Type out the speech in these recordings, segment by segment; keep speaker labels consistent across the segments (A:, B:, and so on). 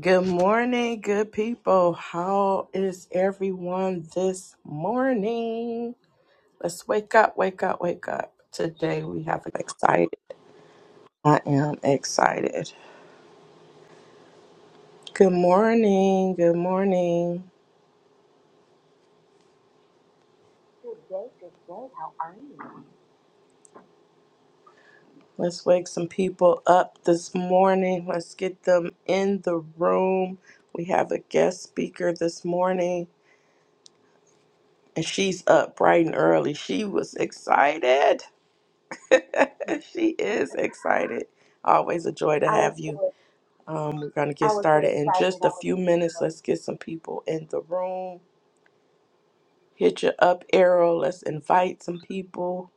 A: Good morning, good people. How is everyone this morning? Let's wake up, wake up, wake up. Today we have an excited. I am excited. Good morning, good morning.
B: Good day, good day. How are you?
A: Let's wake some people up this morning. Let's get them in the room. We have a guest speaker this morning, and she's up bright and early. She was excited. she is excited. Always a joy to
B: I was
A: have you.
B: so
A: Um, we're going to
B: I
A: get
B: was so
A: started in
B: excited.
A: just a
B: I was
A: few minutes. Let's get some people in the room. Hit your up arrow. Let's invite some people.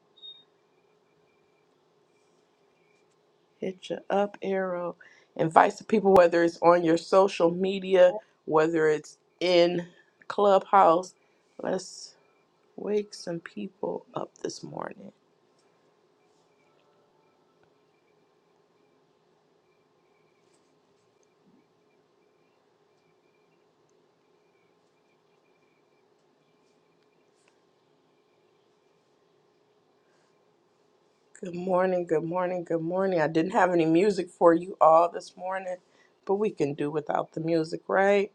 A: Hit your up arrow. Invite some people, whether it's on your social media,
B: um,
A: whether it's in Clubhouse. Let's wake some people up this morning. Good morning, good morning, good morning. I didn't have any music for you all this morning, but we can do without the music, right?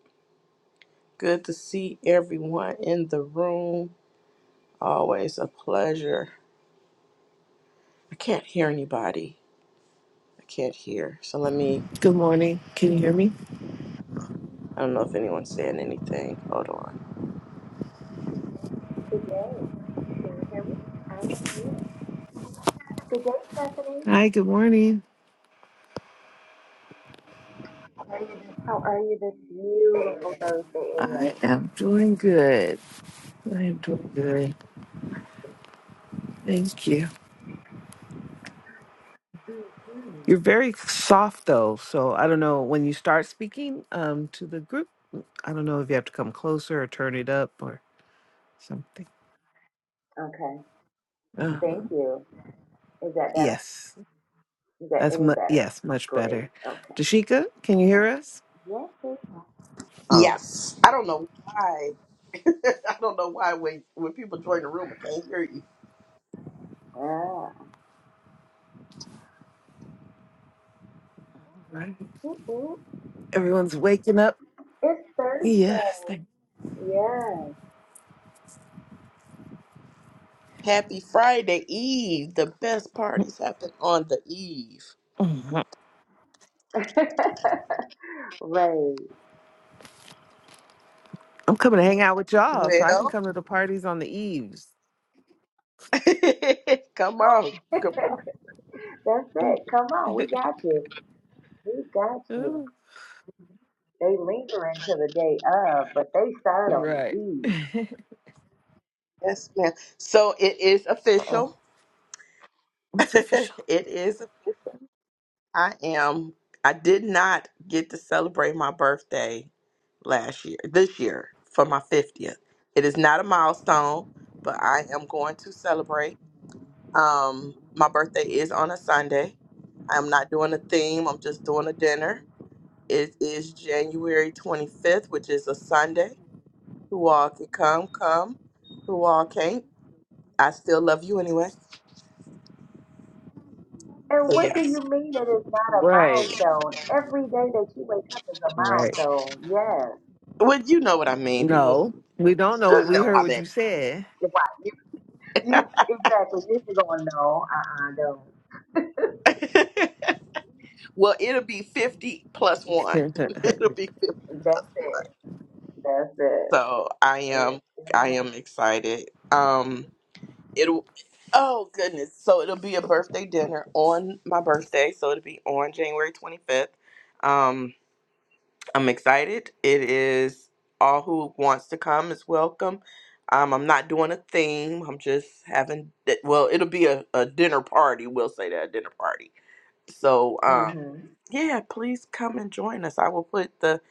A: Good to see everyone in the room. Always a pleasure. I can't hear anybody. I can't hear. So let me,
C: Good morning. Can you hear me?
A: I don't know if anyone's saying anything. Hold on.
B: good day. Can you hear me? I am here. Good day, Stephanie.
C: Hi, good morning.
B: How are you this beautiful Thursday AM?
C: I am doing good. I am doing good. Thank you.
B: hmm
C: You're very soft though, so I don't know when you start speaking um to the group, I don't know if you have to come closer or turn it up or something.
B: Okay.
C: uh
B: Thank you. Is that better?
C: Yes.
B: Is that
C: That's
B: any
C: mu-
B: better?
C: yes, much
B: Great.
C: better.
B: Okay.
C: Dashika, can you hear us?
B: Yes. it-
C: All
A: Yes. I don't know why. I don't know why when, when people join the room, I can't hear you.
B: Yeah.
C: right.
B: Ooh, ooh.
C: Everyone's waking up.
B: It's Thursday.
C: Yes. Thank-
B: Yes.
A: Happy Friday Eve. The best parties happen on the eve.
C: Mhm.
B: right.
C: I'm coming to hang out with y'all so I can
A: Well,
C: come to the parties on the eves.
A: Come
B: Oh,
A: on. Come on.
B: that's it. Come on, we got you. We got you. They linger into the day of, but they start on the
C: Right.
B: eve.
A: Yes, ma'am. So it is
C: Uh,
A: official.
C: what's official?
A: it is official. I am. I did not get to celebrate my birthday last year, this year, for my 50th. It is not a milestone, but I am going to celebrate. Um, my birthday is on a Sunday. I'm not doing a theme, I'm just doing a dinner. It is January 25th, which is a Sunday. Who all can come, come. Who all can't I still love you anyway.
B: And
A: So
B: what do
A: yeah.
B: you mean it is not a
C: Right.
B: milestone? Every day that you wake up is a
C: Right.
B: milestone. Yes.
A: Well, you know what I mean. People,
C: No, we don't know. what
A: you
C: We
A: know
B: Uh-uh.
C: heard
A: how
C: what you
A: that.
C: said.
B: You- Why? You, you exactly. This is going no. Uh-uh. No.
A: Is. well, it'll be fifty plus one. it'll be fifty.
B: That's it. That's it.
A: So I
B: It is
A: am, I
B: still a
A: am excited. Um, it'll. Oh goodness! So it'll be a birthday dinner on my birthday. So it'll be on January twenty fifth. Um, I'm excited. It is all who wants to come is welcome. Um, I'm not doing a theme. I'm just having well, it'll be a, a dinner party. We'll say that a dinner party. So um,
B: Mm-hmm.
A: yeah, please come and join us. I will put the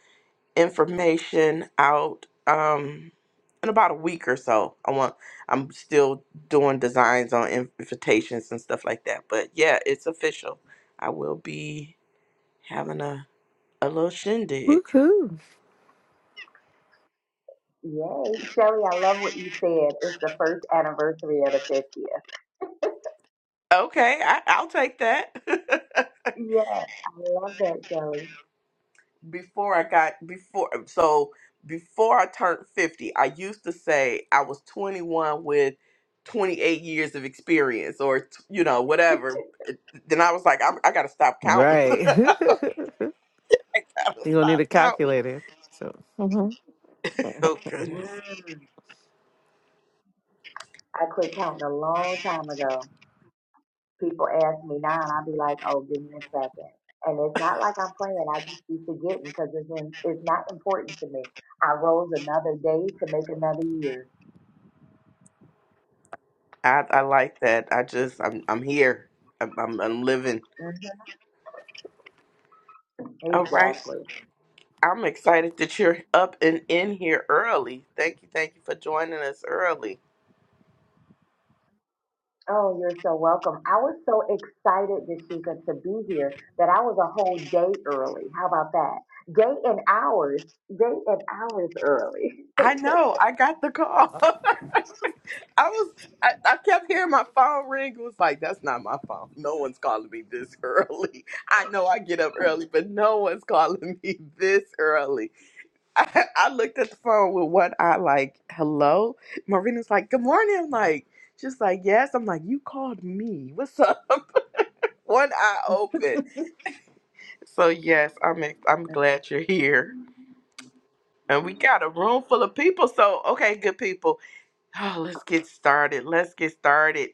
A: information out um in about a week or so. I want I'm still doing designs on invitations and stuff like that. But yeah, it's official. I will be having a a little shindig.
C: Woohoo.
B: Yay. Shelly, I love what you said. It's the first anniversary of the 50th.
A: Okay, I, I'll take that.
B: Yes. I love that, Shelly.
A: before I got before so before I turned 50, I used to say I was 21 with 28 years of experience or t- you know whatever. Then I was like I'm, I got to stop counting. I
C: Right. You're going
A: got to
C: to need a
A: stop counting.
C: calculator. So Mhm.
A: Oh goodness.
B: Mm. I quit counting a long time ago. People ask me now, and I'll be like, "Oh, give me a second." And it's not like I'm playing. I just be forgetting because it's in, it's not important to me. I rose another day to make another year.
A: I I like that. I just I'm I'm here. I'm I'm, I'm living.
B: hmm
A: All right.
B: Exactly.
A: I'm excited that you're up and in here early. Thank you, thank you for joining us early.
B: Oh, you're so welcome. I was so excited, Dashika, to be here that I was a whole day early. How about that? Day and hours, day and hours early.
A: I know, I got the call. I was, I, I kept hearing my phone ring. It was like, that's not my phone. No one's calling me this early. I know I get up early, but no one's calling me this early. I, I looked at the phone with one eye, like, hello? Marina's like, good morning. I'm like, she's like, yes. I'm like, you called me. What's up? one eye open. So yes, I'm ex- I'm glad you're here. And we got a room full of people. So okay, good people. Oh, let's get started. Let's get started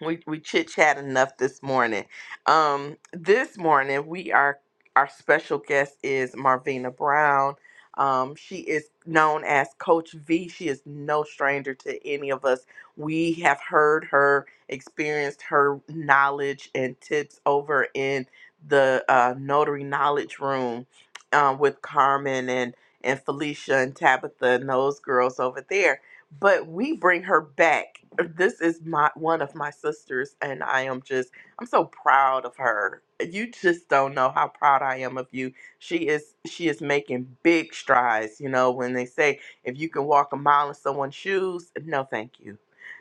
A: we we chit chat enough this morning. Um, this morning we are our special guest is Marvina Brown. Um, she is known as Coach V. She is no stranger to any of us. We have heard her, experienced her knowledge and tips over in the uh, notary knowledge room uh, with Carmen and and Felicia and Tabitha and those girls over there but we bring her back. Uh, This is my one of my sisters, and I am just I'm so proud of her. You just don't know how proud I am of you. She is she is making big strides. You know when they say if you can walk a mile in someone's shoes, no thank you,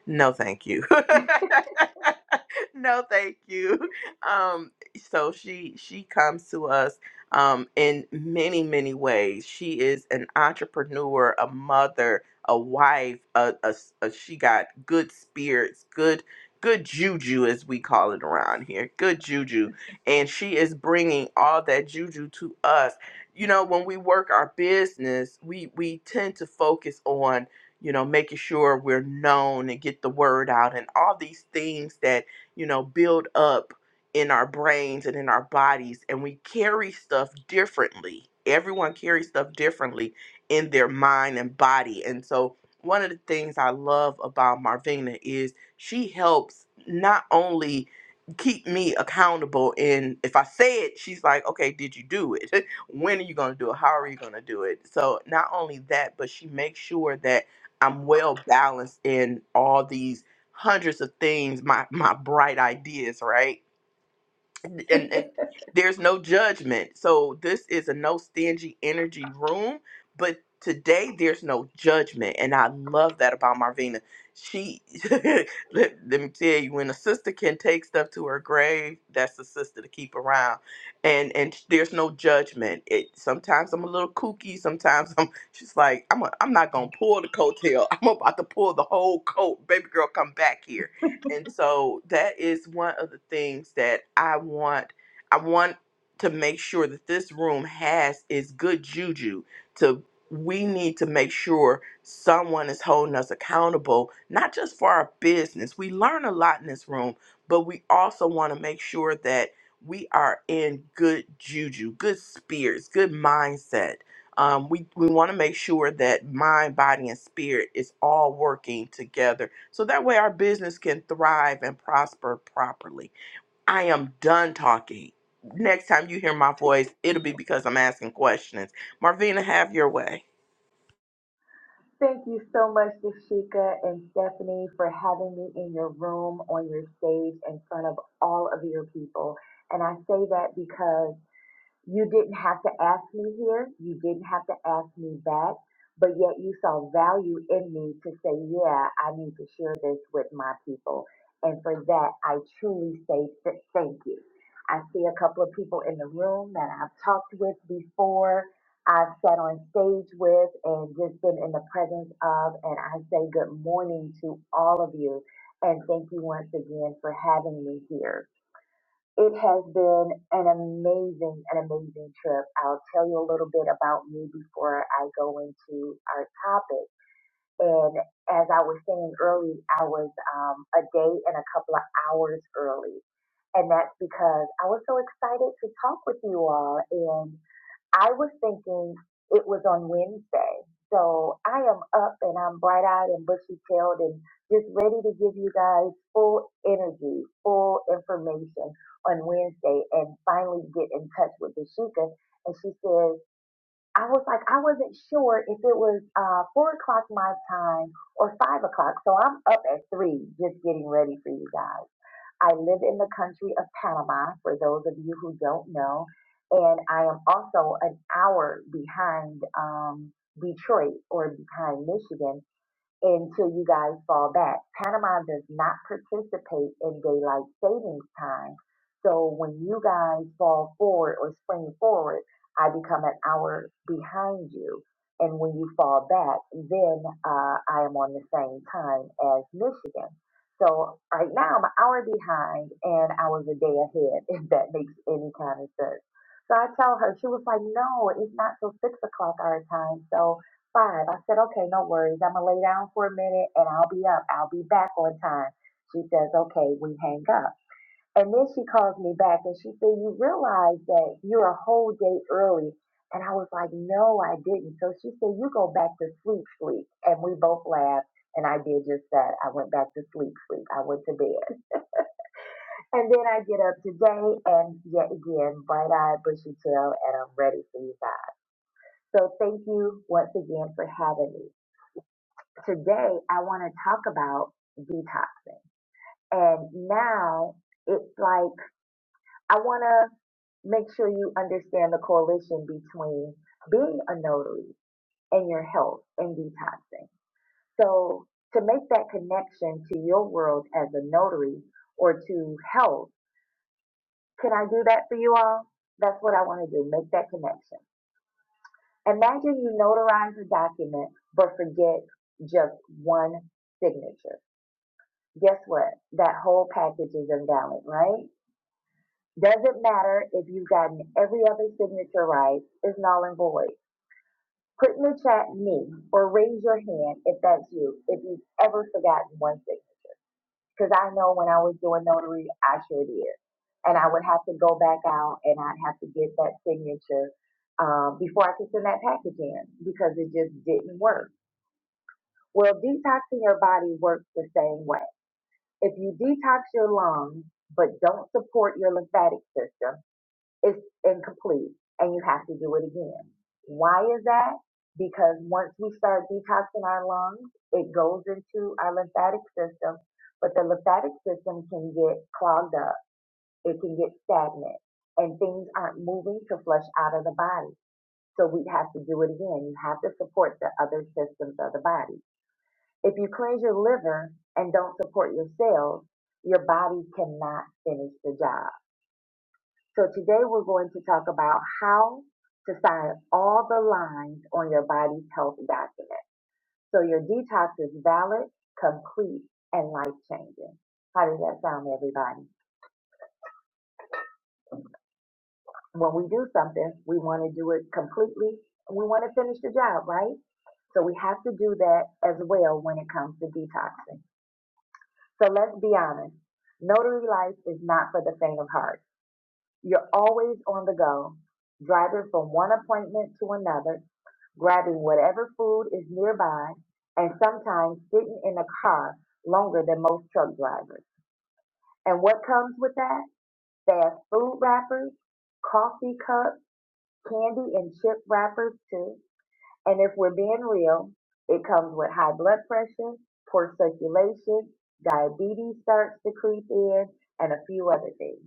A: no thank you. no, thank you. Um, so she she comes to us um, in many many ways. She is an entrepreneur, a mother, a wife. A, a s- a- she got good spirits, good good juju as we call it around here. Good juju, and she is bringing all that juju to us. You know, when we work our business, we we tend to focus on you know, making sure we're known and get the word out and all these things that you know, build up in our brains and in our bodies, and we carry stuff differently. Everyone carries stuff differently in their mind and body. And so, one of the things I love about Marvina is she helps not only keep me accountable and if i say it she's like okay did you do it when are you going to do it how are you going to do it so not only that but she makes sure that i'm well balanced in all these hundreds of things, my my bright ideas, right? And and and there's no judgment. So this is a no stingy energy room, but today there's no judgment, and I love that about Marvina. She let, let me tell you, when a sister can take stuff to her grave, that's a sister to keep around, and and there's no judgment. It sometimes I'm a little kooky, sometimes I'm she's like I'm a, I'm not gonna pull the coattail. I'm about to pull the whole coat. Baby girl, come back here and so that is one of the things that I want. I want to make sure that this room has is good juju. To we need to make sure someone is holding us accountable, not just for our business. We learn a lot in this room, but we also want to make sure that we are in good juju, good spirits, good mindset um, we, we want to make sure that mind, body, and spirit is all working together. So that way our business can thrive and prosper properly. I am done talking. Next time you hear my voice, it'll be because I'm asking questions. Marvina, have your way.
B: Thank you so much, Dashika and Stephanie, for having me in your room, on your stage, in front of all of your people. And I say that because you didn't have to ask me here. You didn't have to ask me back. But yet you saw value in me to say, yeah, I need to share this with my people. And for that, I truly say th- thank you. I see a couple of people in the room that I've talked with before, I've sat on stage with, and just been in the presence of. And I say good morning to all of you. And thank you once again for having me here. It has been an amazing, an amazing trip. I'll tell you a little bit about me before I go into our topic. And as I was saying early, I was um, a day and a couple of hours early. And that's because I was so excited to talk with you all. and. I was thinking it was on Wednesday. So I am up and I'm bright eyed and bushy tailed and just ready to give you guys full energy, full information on Wednesday and finally get in touch with Dashika. And she says, I was like, I wasn't sure if it was uh, four o'clock my time or five o'clock. So I'm up at three just getting ready for you guys. I live in the country of Panama, for those of you who don't know, and I am also an hour behind um, Detroit or behind Michigan until you guys fall back. Panama does not participate in daylight savings time. So when you guys fall forward or spring forward, I become an hour behind you. And when you fall back, then uh, I am on the same time as Michigan. So right now I'm an hour behind and I was a day ahead, if that makes any kind of sense. So I tell her, she was like, no, it's not till six o'clock our time. So five. I said, okay, no worries. I'm gonna lay down for a minute and I'll be up. I'll be back on time. She says, okay, we hang up. And then she calls me back and she said, you realize that you're a whole day early. And I was like, no, I didn't. So she said, you go back to sleep, sleep. And we both laughed. And I did just that. I went back to sleep, sleep. I went to bed. And then I get up today and yet again, bright eyed, bushy tail, and I'm ready for you guys. So thank you once again for having me. Today, I want to talk about detoxing. And now it's like, I want to make sure you understand the correlation between being a notary and your health and detoxing. So, to make that connection to your world as a notary or to health, can I do that for you all? That's what I want to do, make that connection. Imagine you notarize a document but forget just one signature. guess what? That whole package is invalid, right? Doesn't matter if you've gotten every other signature right, it's null and void. Put in the chat me or raise your hand if that's you, if you've ever forgotten one signature. Because I know when I was doing notary, I sure did. And I would have to go back out and I'd have to get that signature um, before I could send that package in because it just didn't work. Well, detoxing your body works the same way If you detox your lungs but don't support your lymphatic system, it's incomplete and you have to do it again. Why is that? Because once we start detoxing our lungs, it goes into our lymphatic system, but the lymphatic system can get clogged up. It can get stagnant and things aren't moving to flush out of the body. So we have to do it again. You have to support the other systems of the body. If you cleanse your liver and don't support your cells, your body cannot finish the job. So today we're going to talk about how to sign all the lines on your body's health document. So your detox is valid, complete, and life changing. How does that sound, everybody? When we do something, we want to do it completely. We want to finish the job, right? So we have to do that as well when it comes to detoxing. So let's be honest. Notary life is not for the faint of heart. You're always on the go, driving from one appointment to another, grabbing whatever food is nearby, and sometimes sitting in a car longer than most truck drivers. And what comes with that? Fast food wrappers, coffee cups, candy and chip wrappers too. And if we're being real, it comes with high blood pressure, poor circulation, diabetes starts to creep in, and a few other things.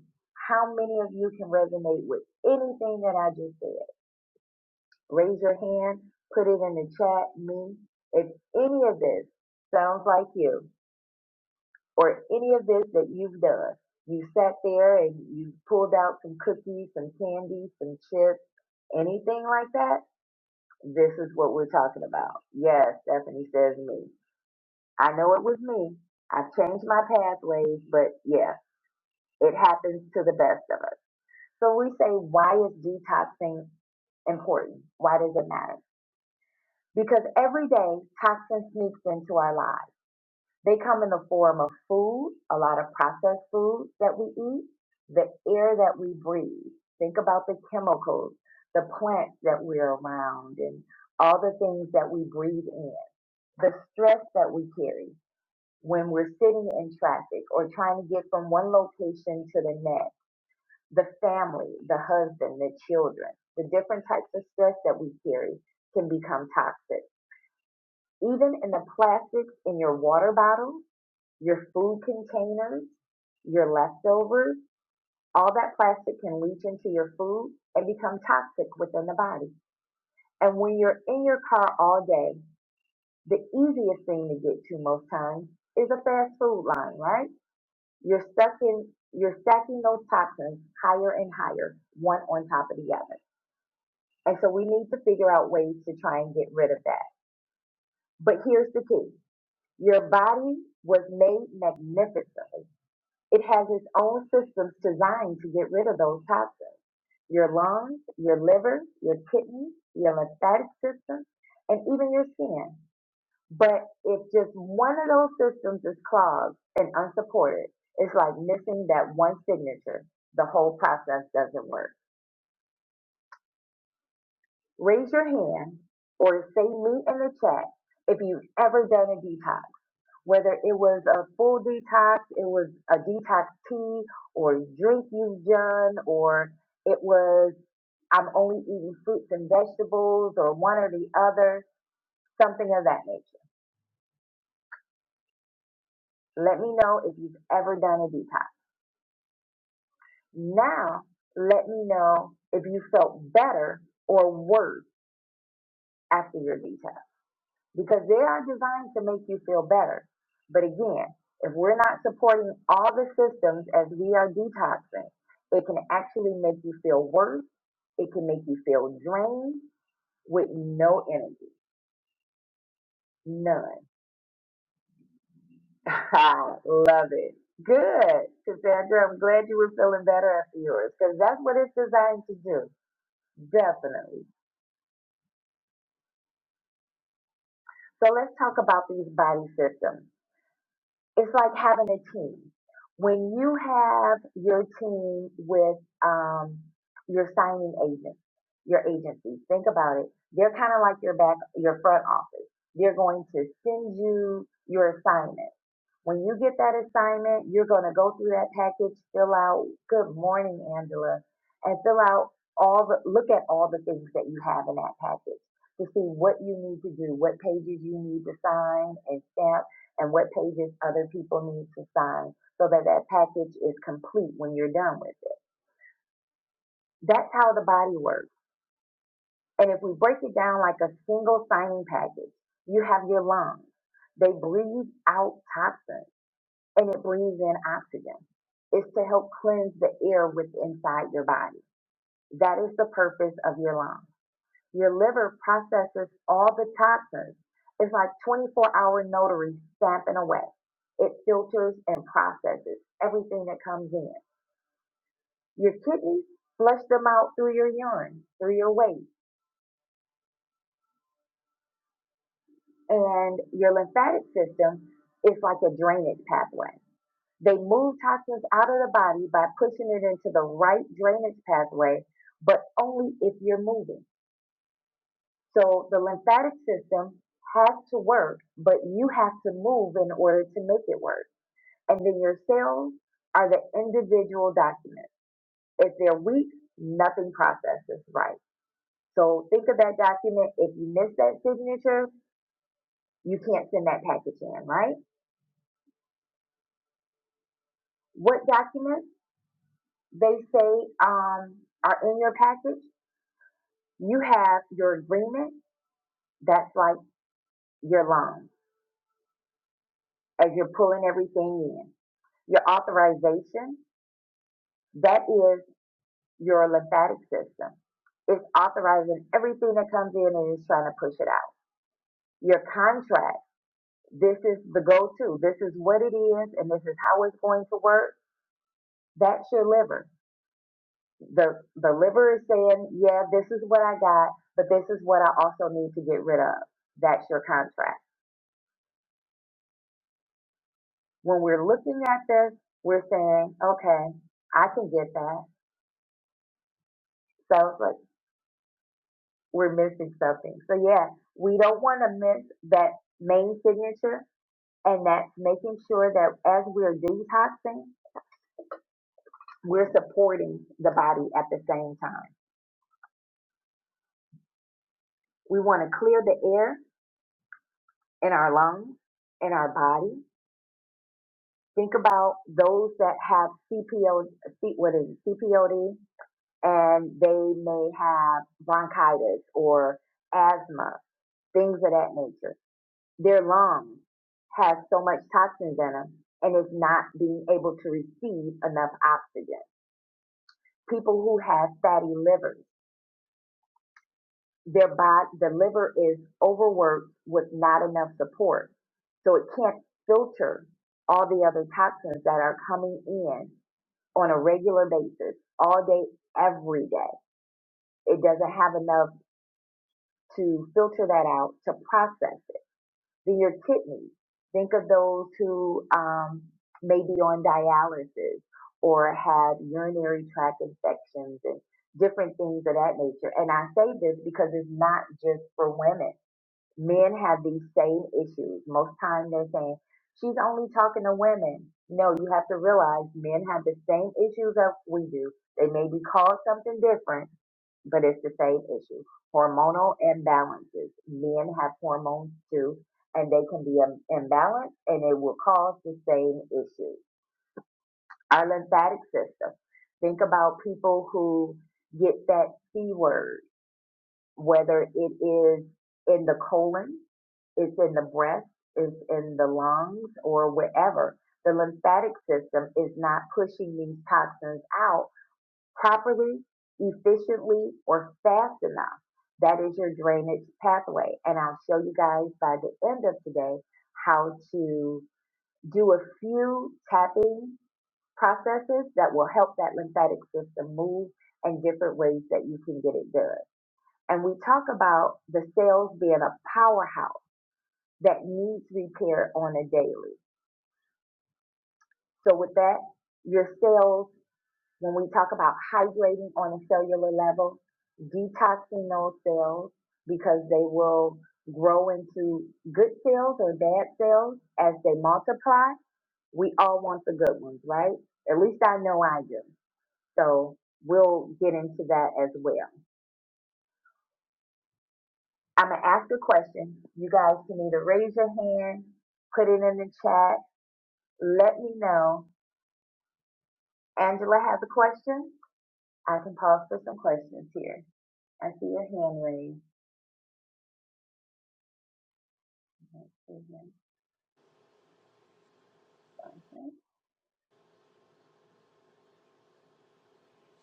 B: How many of you can resonate with anything that I just said? Raise your hand, put it in the chat, me. If any of this sounds like you, or any of this that you've done, you sat there and you pulled out some cookies, some candy, some chips, anything like that, this is what we're talking about. Yes, Stephanie says me. I know it was me. I've changed my pathways, but yeah, it happens to the best of us. So we say, why is detoxing important? Why does it matter? Because every day toxins sneaks into our lives. They come in the form of food, a lot of processed foods that we eat, the air that we breathe. Think about the chemicals, the plants that we're around, and all the things that we breathe in. the stress that we carry when we're sitting in traffic or trying to get from one location to the next, the family, the husband, the children, the different types of stress that we carry can become toxic. Even in the plastics in your water bottles, your food containers, your leftovers, all that plastic can leach into your food and become toxic within the body. And when you're in your car all day the easiest thing to get to most times is a fast food line, right? You're stuck in you're stacking those toppings higher and higher, one on top of the other. And so we need to figure out ways to try and get rid of that. But here's the key. Your body was made magnificently. It has its own systems designed to get rid of those toxins. Your lungs, your liver, your kidneys, your lymphatic system, and even your skin. But if just one of those systems is clogged and unsupported, it's like missing that one signature. The whole process doesn't work. Raise your hand or say me in the chat if you've ever done a detox, whether it was a full detox, it was a detox tea or drink you've done, or it was I'm only eating fruits and vegetables or one or the other, something of that nature. Let me know if you've ever done a detox. Now, let me know if you felt better or worse after your detox because they are designed to make you feel better. But again, if we're not supporting all the systems as we are detoxing, it can actually make you feel worse. It can make you feel drained with no energy, none. I love it. Good, Cassandra. I'm glad you were feeling better after yours because that's what it's designed to do. Definitely. So let's talk about these body systems it's like having a team. When you have your team with um, your signing agent, your agency, think about it. They're kind of like your back, your front office. They're going to send you your assignment. When you get that assignment, you're going to go through that package, fill out, good morning, Angela, and fill out all the, look at all the things that you have in that package to see what you need to do, what pages you need to sign and stamp and what pages other people need to sign so that that package is complete when you're done with it. That's how the body works. And if we break it down like a single signing package, you have your lungs. They breathe out toxins and it breathes in oxygen. It's to help cleanse the air with inside your body. That is the purpose of your lungs. Your liver processes all the toxins. It's like 24 hour notary stamping away. It filters and processes everything that comes in. Your kidneys flush them out through your urine, through your waste. And your lymphatic system is like a drainage pathway. They move toxins out of the body by pushing it into the right drainage pathway, but only if you're moving. So the lymphatic system has to work, but you have to move in order to make it work. And then your cells are the individual documents. If they're weak, nothing processes right. So think of that document. If you miss that signature, you can't send that package in, right? What documents they say um, are in your package? You have your agreement. That's like your loan as you're pulling everything in. Your authorization. That is your lymphatic system. It's authorizing everything that comes in and is trying to push it out. Your contract, this is the go to. This is what it is and this is how it's going to work. That's your liver. The the liver is saying, Yeah, this is what I got, but this is what I also need to get rid of. That's your contract. When we're looking at this, we're saying, Okay, I can get that. So it's like we're missing something. So yeah, we don't want to miss that main signature and that's making sure that as we're detoxing, we're supporting the body at the same time. We want to clear the air in our lungs, in our body. Think about those that have CPO, what is it, CPOD, and they may have bronchitis or asthma, things of that nature. Their lungs have so much toxins in them and it's not being able to receive enough oxygen. People who have fatty livers their body, the liver is overworked with not enough support. So it can't filter all the other toxins that are coming in on a regular basis, all day, every day. It doesn't have enough to filter that out to process it. Then your kidneys. Think of those who um, may be on dialysis or have urinary tract infections and different things of that nature. And I say this because it's not just for women men have these same issues. Most time they're saying, she's only talking to women. No, you have to realize men have the same issues as we do. They may be called something different, but it's the same issue. Hormonal imbalances. Men have hormones too, and they can be im- imbalanced and it will cause the same issue. Our lymphatic system. Think about people who get that C word whether it is in the colon, it's in the breast, it's in the lungs, or wherever. The lymphatic system is not pushing these toxins out properly, efficiently, or fast enough. That is your drainage pathway. And I'll show you guys by the end of today how to do a few tapping processes that will help that lymphatic system move and different ways that you can get it done. And we talk about the cells being a powerhouse that needs repair on a daily. So with that, your cells, when we talk about hydrating on a cellular level, detoxing those cells because they will grow into good cells or bad cells as they multiply. We all want the good ones, right? At least I know I do. So we'll get into that as well. I'm gonna ask a question. You guys can either raise your hand, put it in the chat, let me know. Angela has a question. I can pause for some questions here. I see your hand raised.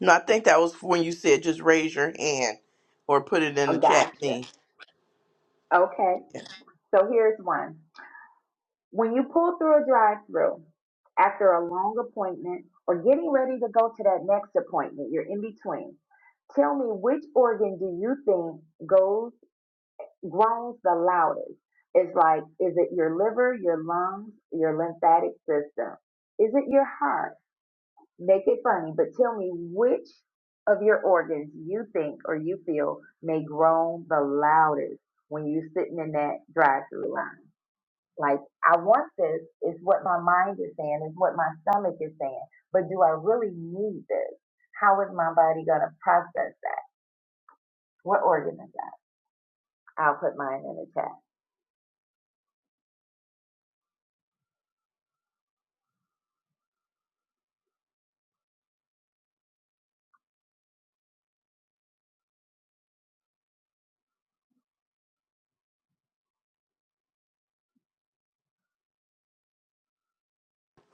A: No, I think that was when you said just raise your hand or put it in
B: Oh,
A: the chat
B: gotcha.
A: thing.
B: Okay.
A: Yeah.
B: So here's one. When you pull through a drive-through after a long appointment or getting ready to go to that next appointment, you're in between. Tell me which organ do you think goes groans the loudest. It's like, is it your liver, your lungs, your lymphatic system? Is it your heart? Make it funny, but tell me which of your organs you think or you feel may groan the loudest when you're sitting in that drive through line. Like, I want this, is what my mind is saying, is what my stomach is saying, but do I really need this? How is my body going to process that? What organ is that? I'll put mine in the chat.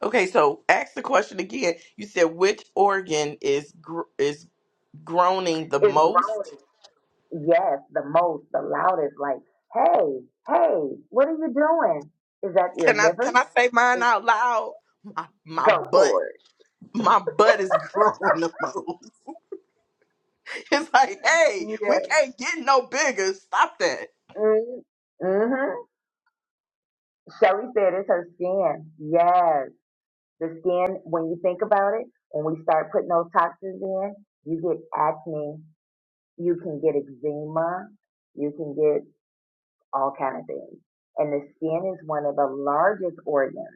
A: Okay, so ask the question again. You said which organ is gr- is groaning the
B: It's
A: most?
B: groaning. Yes, the most, the loudest, like, hey, hey, what are you doing? Is that your
A: Can I
B: liver?
A: can I say mine
B: Is-
A: out loud? My my
B: Go
A: butt.
B: for it.
A: My butt is growing the most. It's like, hey, we
B: Yes.
A: can't get no bigger. Stop that.
B: Mm-hmm. mm-hmm. Shelly said it's her skin. Yes. The skin, when you think about it, when we start putting those toxins in, you get acne, you can get eczema, you can get all kind of things. And the skin is one of the largest organs.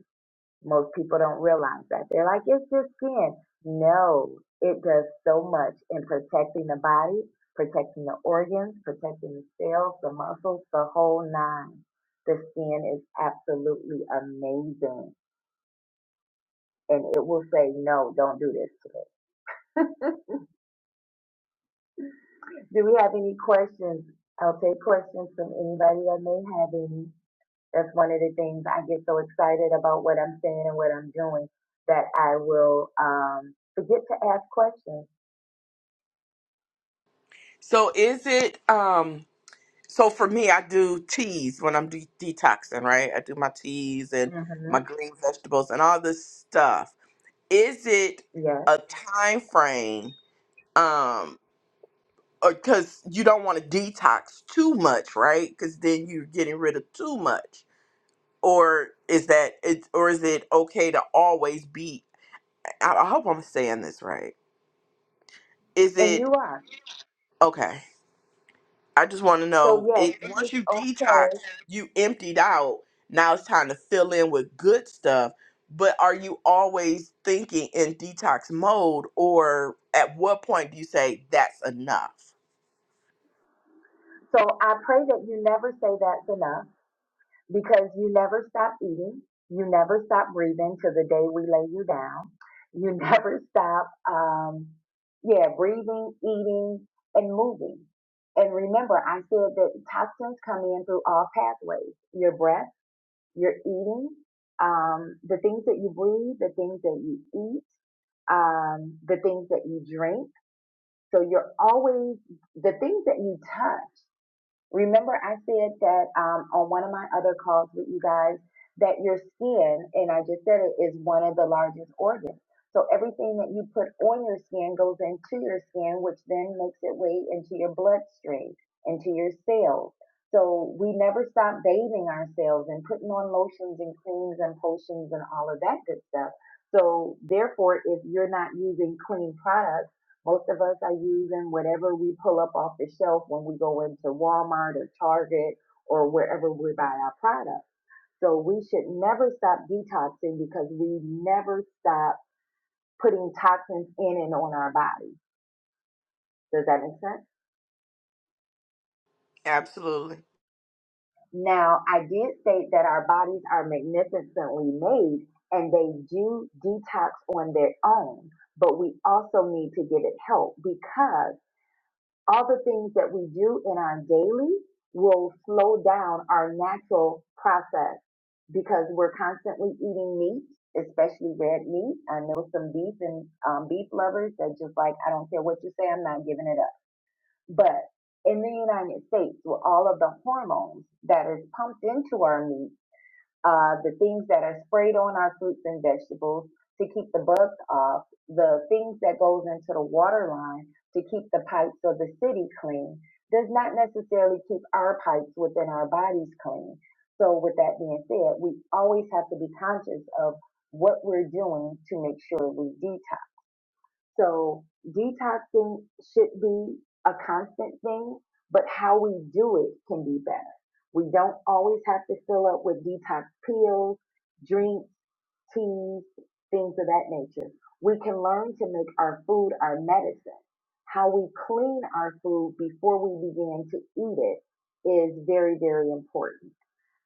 B: Most people don't realize that. They're like, it's just skin. No, it does so much in protecting the body, protecting the organs, protecting the cells, the muscles, the whole nine. The skin is absolutely amazing. And it will say, no, don't do this to me. do we have any questions? I'll take questions from anybody that may have any. That's one of the things I get so excited about what I'm saying and what I'm doing that I will um, forget to ask questions
A: So is it um so for me I do teas when I'm de- detoxing, right? I do my teas and
B: hmm
A: my green vegetables and all this stuff. Is it
B: Yes,
A: a time frame um because you don't want to detox too much, right? Because then you're getting rid of too much or is that it or is it okay to always be I, I hope i'm saying this right is
B: and
A: it
B: you are.
A: okay i just want to
B: So
A: know
B: yes,
A: it
B: it is
A: once you detox
B: okay.
A: you emptied out now it's time to fill in with good stuff but are you always thinking in detox mode or at what point do you say that's enough
B: So I pray that you never say that's enough because you never stop eating. You never stop breathing till the day we lay you down. You never stop, um, yeah, breathing, eating, and moving. And remember, I said that toxins come in through all pathways: your breath, your eating, um, the things that you breathe, the things that you eat, um, the things that you drink So you're always the things that you touch. Remember, I said that um, on one of my other calls with you guys that your skin, and I just said it, is one of the largest organs. So everything that you put on your skin goes into your skin, which then makes its way into your bloodstream, into your cells. So we never stop bathing ourselves and putting on lotions and creams and potions and all of that good stuff. So therefore, if you're not using clean products, most of us are using whatever we pull up off the shelf when we go into Walmart or Target or wherever we buy our products. So we should never stop detoxing because we never stop putting toxins in and on our body. Does that make sense?
A: absolutely
B: Now, I did state that our bodies are magnificently made and they do detox on their own, but we also need to give it help because all the things that we do in our daily will slow down our natural process because we're constantly eating meat, especially red meat. I know some beef and um, beef lovers that just like, I don't care what you say, I'm not giving it up. But in the United States, with all of the hormones that is pumped into our meat, uh, the things that are sprayed on our fruits and vegetables to keep the bugs off, the things that goes into the water line to keep the pipes of the city clean does not necessarily keep our pipes within our bodies clean. So with that being said, we always have to be conscious of what we're doing to make sure we detox. So detoxing should be a constant thing, but how we do it can be better. We don't always have to fill up with detox pills, drinks, teas, things of that nature. We can learn to make our food our medicine. How we clean our food before we begin to eat it is very, very important.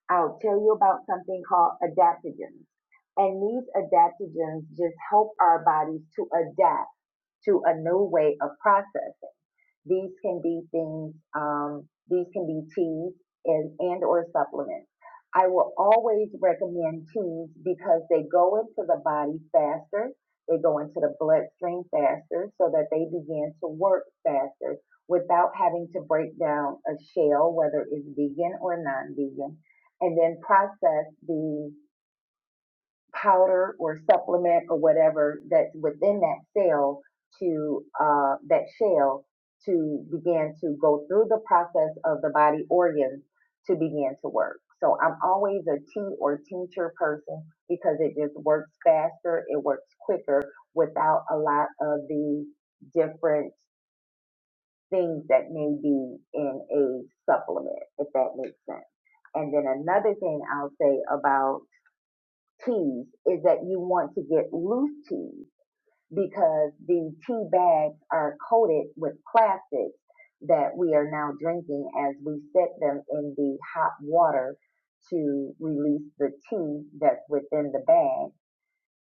B: I'll tell you about something called adaptogens. And these adaptogens just help our bodies to adapt to a new way of process. These can be things, um, these can be teas and, and or supplements. I will always recommend teas because they go into the body faster. They go into the bloodstream faster so that they begin to work faster without having to break down a shell, whether it's vegan or non-vegan, and then process the powder or supplement or whatever that's within that cell to uh, that shell to begin to go through the process of the body organs to begin to work. So I'm always a tea or tincture person because it just works faster, it works quicker without a lot of the different things that may be in a supplement, if that makes sense. And then another thing I'll say about teas is that you want to get loose teas because the tea bags are coated with plastics that we are now drinking as we set them in the hot water to release the tea that's within the bag.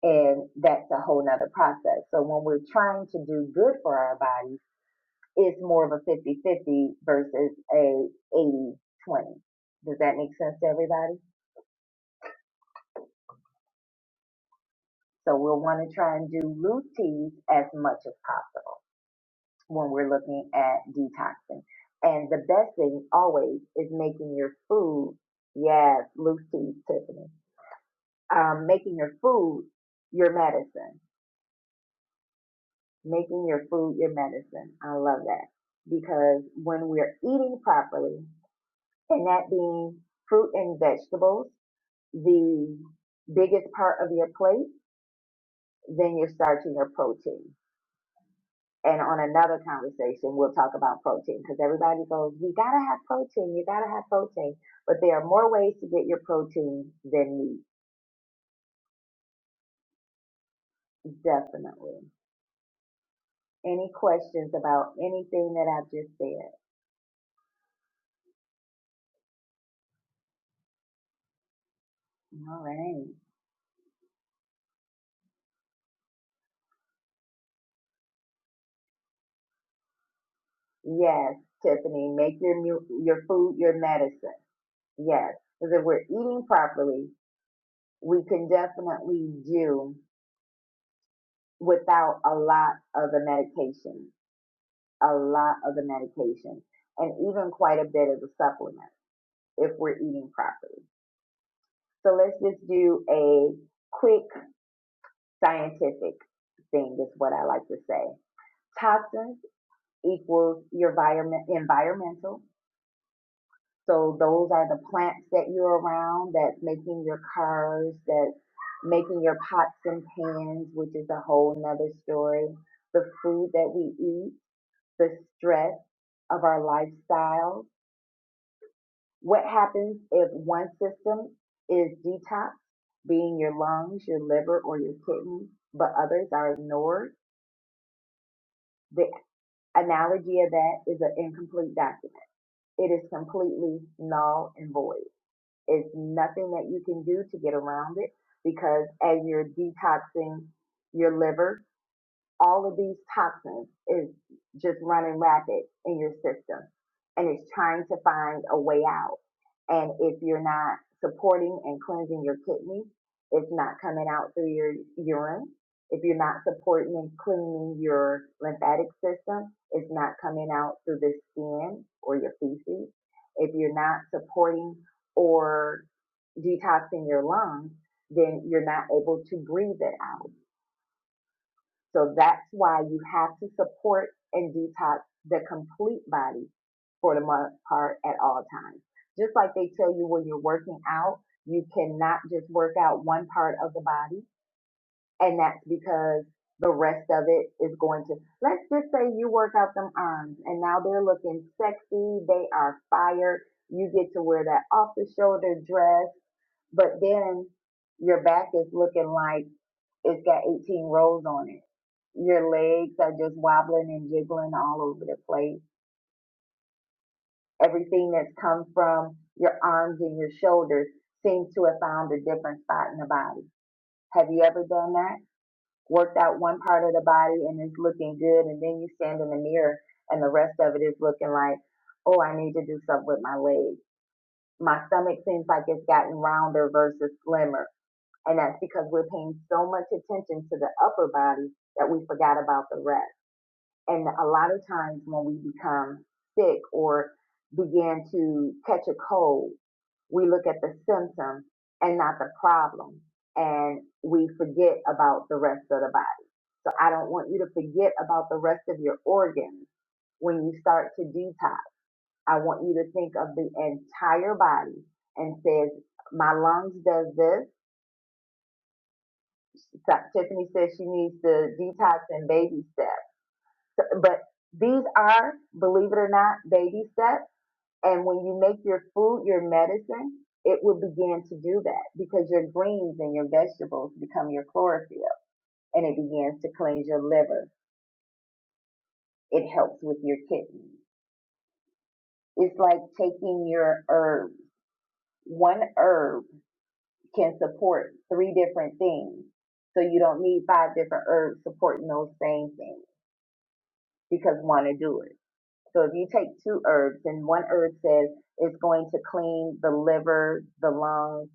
B: And that's a whole nother process. So when we're trying to do good for our bodies, it's more of a 50-50 versus a 80-20. Does that make sense to everybody? So we'll want to try and do loose teas as much as possible when we're looking at detoxing. And the best thing always is making your food, yes, loose teas, Tiffany, um, making your food your medicine, making your food your medicine. I love that because when we're eating properly, and that being fruit and vegetables, the biggest part of your plate, then you're starting your protein. And on another conversation, we'll talk about protein because everybody goes, you gotta have protein, you gotta have protein. But there are more ways to get your protein than meat, definitely. Any questions about anything that I've just said? All right. Yes, Tiffany, make your mu- your food your medicine. Yes, because if we're eating properly, we can definitely do without a lot of the medication, a lot of the medication, and even quite a bit of the supplements if we're eating properly. So let's just do a quick scientific thing is what I like to say. Toxins equals your environment, environmental. So those are the plants that you're around that's making your cars, that's making your pots and pans, which is a whole nother story. The food that we eat, the stress of our lifestyle. What happens if one system is detox, being your lungs, your liver, or your kidneys, but others are ignored? The analogy of that is an incomplete document. It is completely null and void. It's nothing that you can do to get around it because as you're detoxing your liver, all of these toxins is just running rapid in your system and it's trying to find a way out. And if you're not supporting and cleansing your kidneys, it's not coming out through your urine. If you're not supporting and cleaning your lymphatic system, it's not coming out through the skin or your feces. If you're not supporting or detoxing your lungs, then you're not able to breathe it out so that's why you have to support and detox the complete body for the most part at all times. Just like they tell you when you're working out, you cannot just work out one part of the body, and that's because the rest of it is going to. Let's just say you work out them arms, and now they're looking sexy. They are fired. You get to wear that off the shoulder dress, but then your back is looking like it's got 18 rows on it. Your legs are just wobbling and jiggling all over the place. Everything that's come from your arms and your shoulders seems to have found a different spot in the body. Have you ever done that? Worked out one part of the body and it's looking good, and then you stand in the mirror and the rest of it is looking like, oh, I need to do something with my legs. My stomach seems like it's gotten rounder versus slimmer. And that's because we're paying so much attention to the upper body that we forgot about the rest And a lot of times when we become sick or begin to catch a cold, we look at the symptom and not the problem. And we forget about the rest of the body. So I don't want you to forget about the rest of your organs when you start to detox. I want you to think of the entire body and says, my lungs does this. Tiffany says she needs to detox in baby steps So- But these are, believe it or not, baby steps. And when you make your food your medicine, it will begin to do that because your greens and your vegetables become your chlorophyll and it begins to cleanse your liver. It helps with your kidneys. It's like taking your herb. One herb can support three different things. So you don't need five different herbs supporting those same things because one will do it. So if you take two herbs and one herb says it's going to clean the liver, the lungs,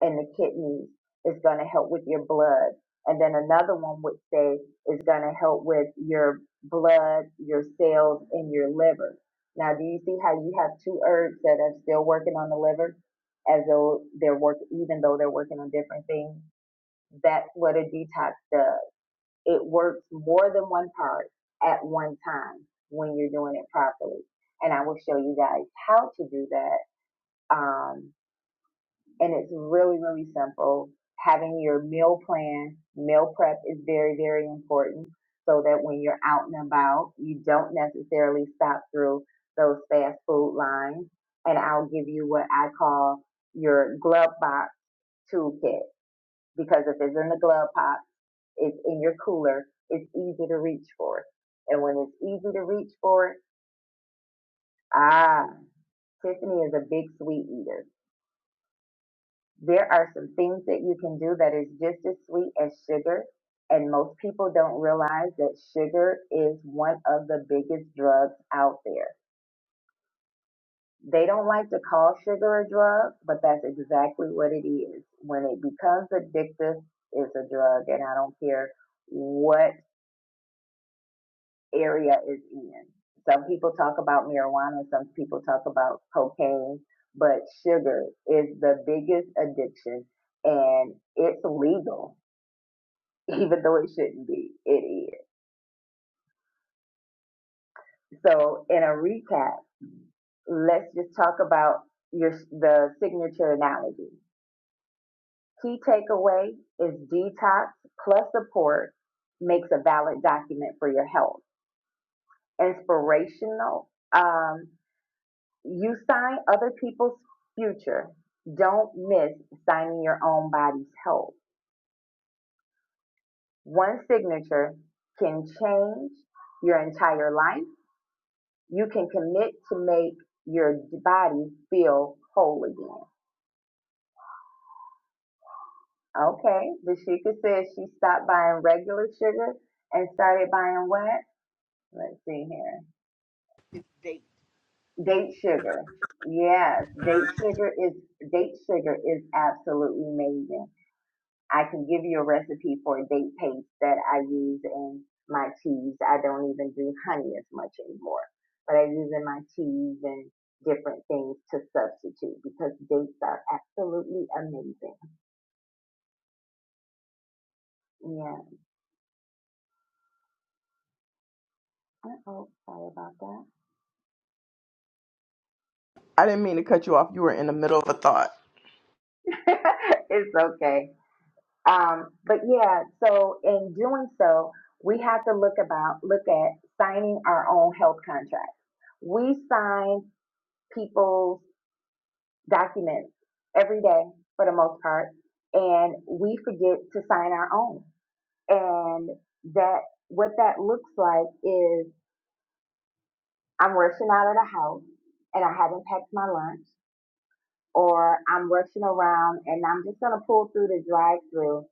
B: and the kidneys, it's going to help with your blood. And then another one would say it's going to help with your blood, your cells, and your liver. Now, do you see how you have two herbs that are still working on the liver as though they're work, even though they're working on different things? That's what a detox does it works more than one part at one time when you're doing it properly. And I will show you guys how to do that. Um, and it's really, really simple. Having your meal plan, meal prep is very, very important so that when you're out and about, you don't necessarily stop through those fast food lines. And I'll give you what I call your glove box toolkit because if it's in the glove box is in your cooler, it's easy to reach for. And when it's easy to reach for, ah, Tiffany is a big sweet eater. There are some things that you can do that is just as sweet as sugar. And most people don't realize that sugar is one of the biggest drugs out there. They don't like to call sugar a drug, but that's exactly what it is. When it becomes addictive, it's a drug. And I don't care what area is in. Some people talk about marijuana, some people talk about cocaine, but sugar is the biggest addiction and it's legal, even though it shouldn't be. It is. So, in a recap, let's just talk about your the signature analogy. Key takeaway is detox plus support makes a valid document for your health. Inspirational. um, You sign other people's future. Don't miss signing your own body's health. One signature can change your entire life. You can commit to make your body feel whole again. Okay, Dashika says she stopped buying regular sugar and started buying what? Let's see here. Date sugar. Yes, date sugar is date sugar is absolutely amazing. I can give you a recipe for a date paste that I use in my teas. I don't even do honey as much anymore, but I use in my teas and different things to substitute because dates are absolutely amazing. Yeah. Uh-oh, sorry about
A: i didn't mean to cut you off you were in the middle of a thought
B: that. it's okay. Um, but yeah, so in doing so, we have to look about look at signing our own health contracts. We sign people's documents every day for the most part, and we forget to sign our own. And that what that looks like is I'm rushing out of the house and I haven't packed my lunch, or I'm rushing around and I'm just gonna pull through the drive-through.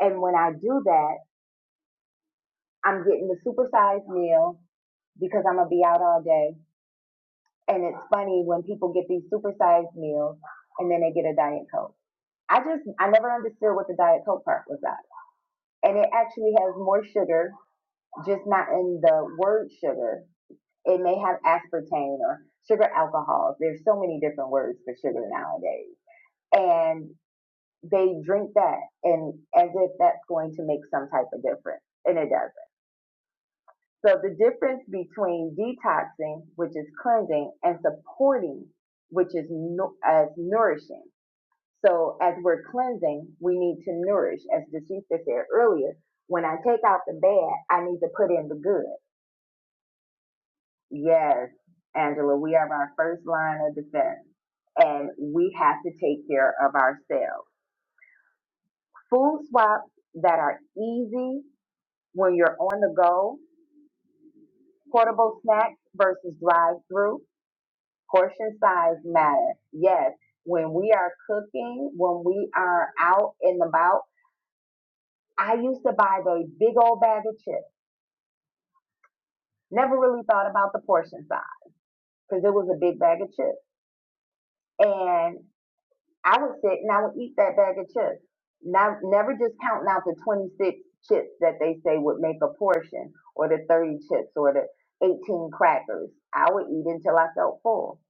B: And when I do that, I'm getting the supersized meal because I'm gonna be out all day. And it's funny when people get these supersized meals and then they get a diet coke. I just I never understood what the diet coke part was about and it actually has more sugar, just not in the word sugar. It may have aspartame or sugar alcohols. There's so many different words for sugar nowadays. And they drink that and as if that's going to make some type of difference. And it doesn't. So the difference between detoxing, which is cleansing, and supporting, which is nu- as nourishing, So as we're cleansing, we need to nourish. As Deshika said earlier, when I take out the bad, I need to put in the good. Yes, Angela, we are our first line of defense and we have to take care of ourselves. Food swaps that are easy when you're on the go, portable snacks versus drive through, portion size matter. Yes, when we are cooking, when we are out and about, I used to buy the big old bag of chips. Never really thought about the portion size because it was a big bag of chips. And I would sit and I would eat that bag of chips. Not, never just counting out the 26 chips that they say would make a portion or the 30 chips or the 18 crackers. I would eat until I felt full.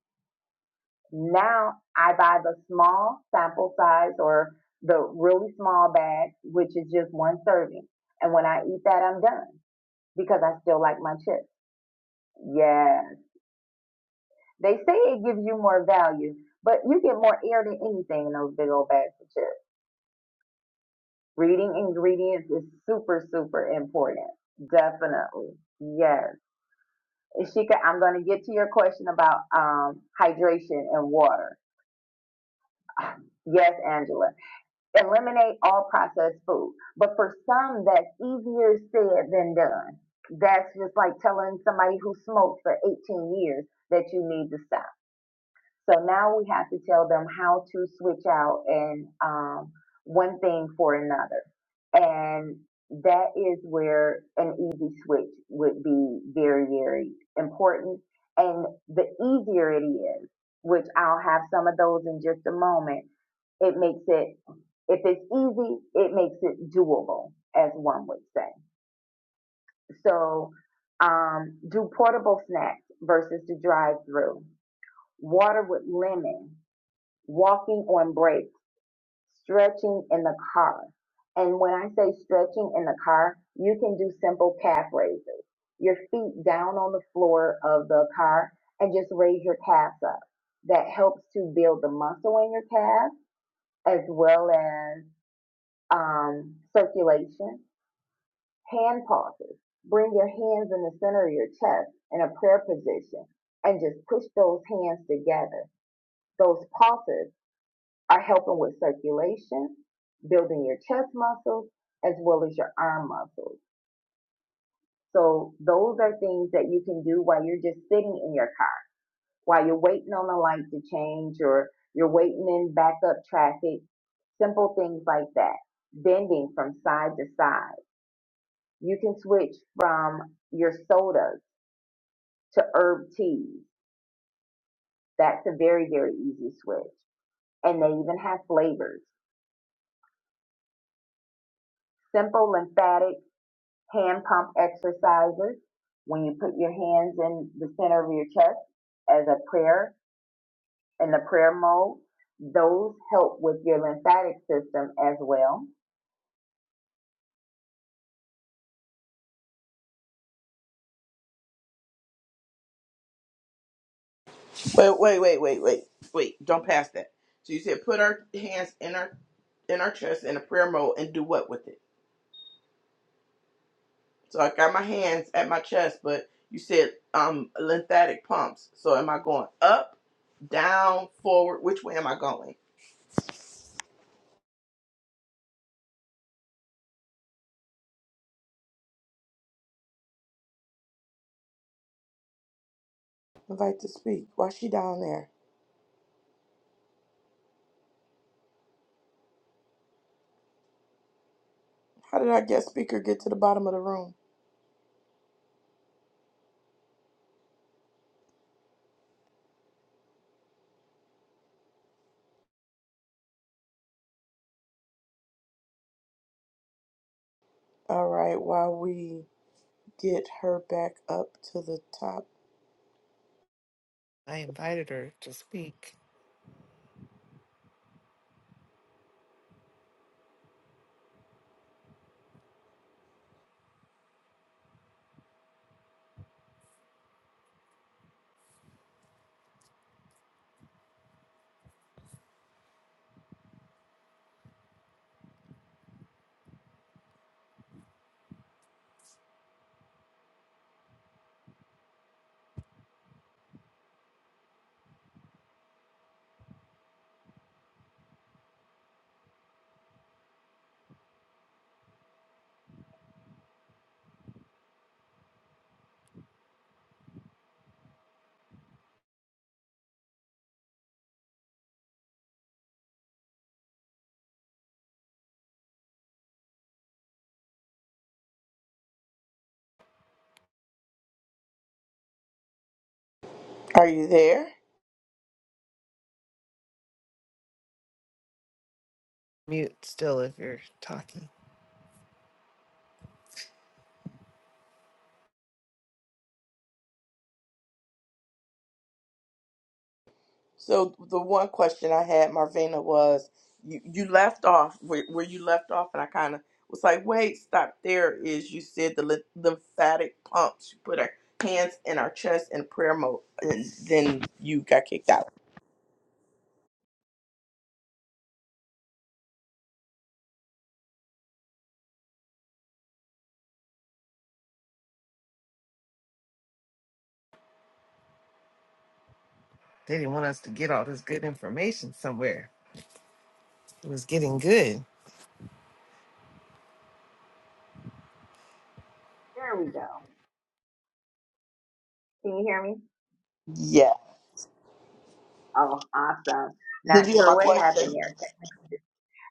B: Now I buy the small sample size or the really small bag, which is just one serving. And when I eat that, I'm done because I still like my chips. Yeah. They say it gives you more value, but you get more air than anything in those big old bags of chips. Reading ingredients is super, super important. Definitely. Yes. Shika, I'm going to get to your question about um, hydration and water. Yes, Angela. Eliminate all processed food. But for some, that's easier said than done. That's just like telling somebody who smoked for 18 years that you need to stop So now we have to tell them how to switch out and um, one thing for another. And that is where an easy switch would be very, very important. And the easier it is, which I'll have some of those in just a moment, it makes it, if it's easy, it makes it doable, as one would say. So um, do portable snacks versus the drive through. Water with lemon walking on breaks, stretching in the car. And when I say stretching in the car, you can do simple calf raises. Your feet down on the floor of the car and just raise your calves up. That helps to build the muscle in your calf as well as um, circulation. Hand pauses. Bring your hands in the center of your chest in a prayer position and just push those hands together. Those pauses are helping with circulation, building your chest muscles, as well as your arm muscles. So those are things that you can do while you're just sitting in your car, while you're waiting on a light to change or you're waiting in backup traffic, simple things like that. Bending from side to side. You can switch from your sodas to herb teas. That's a very, very easy switch. And they even have flavors. Simple, lymphatic hand pump exercises when you put your hands in the center of your chest as a prayer in the prayer mode. Those help with your lymphatic system as well.
A: Wait, wait, wait, wait, wait, wait. Don't pass that. So you said put our hands in our in our chest in a prayer mode and do what with it? So I got my hands at my chest, but you said um lymphatic pumps. So am I going up, down, forward? Which way am I going? Invite to speak. Why she down there? How did our guest speaker get to the bottom of the room? All right, while we get her back up to the top.
C: I invited her to speak.
A: Are you there?
C: Mute still if you're talking.
A: So the one question I had, Marvina, was you, you left off where, where you left off, and I kind of was like, wait, stop there. Is you said the ly- lymphatic pumps, you put our hands in our chest in prayer mode, and then you got kicked out.
C: They didn't want us to get all this good information somewhere. It was getting good.
B: There we go. Can you hear me?
A: Yeah.
B: Oh, awesome.
A: Did
B: Not
A: you hear
B: sure
A: my
B: what
A: question?
B: happened there. Technical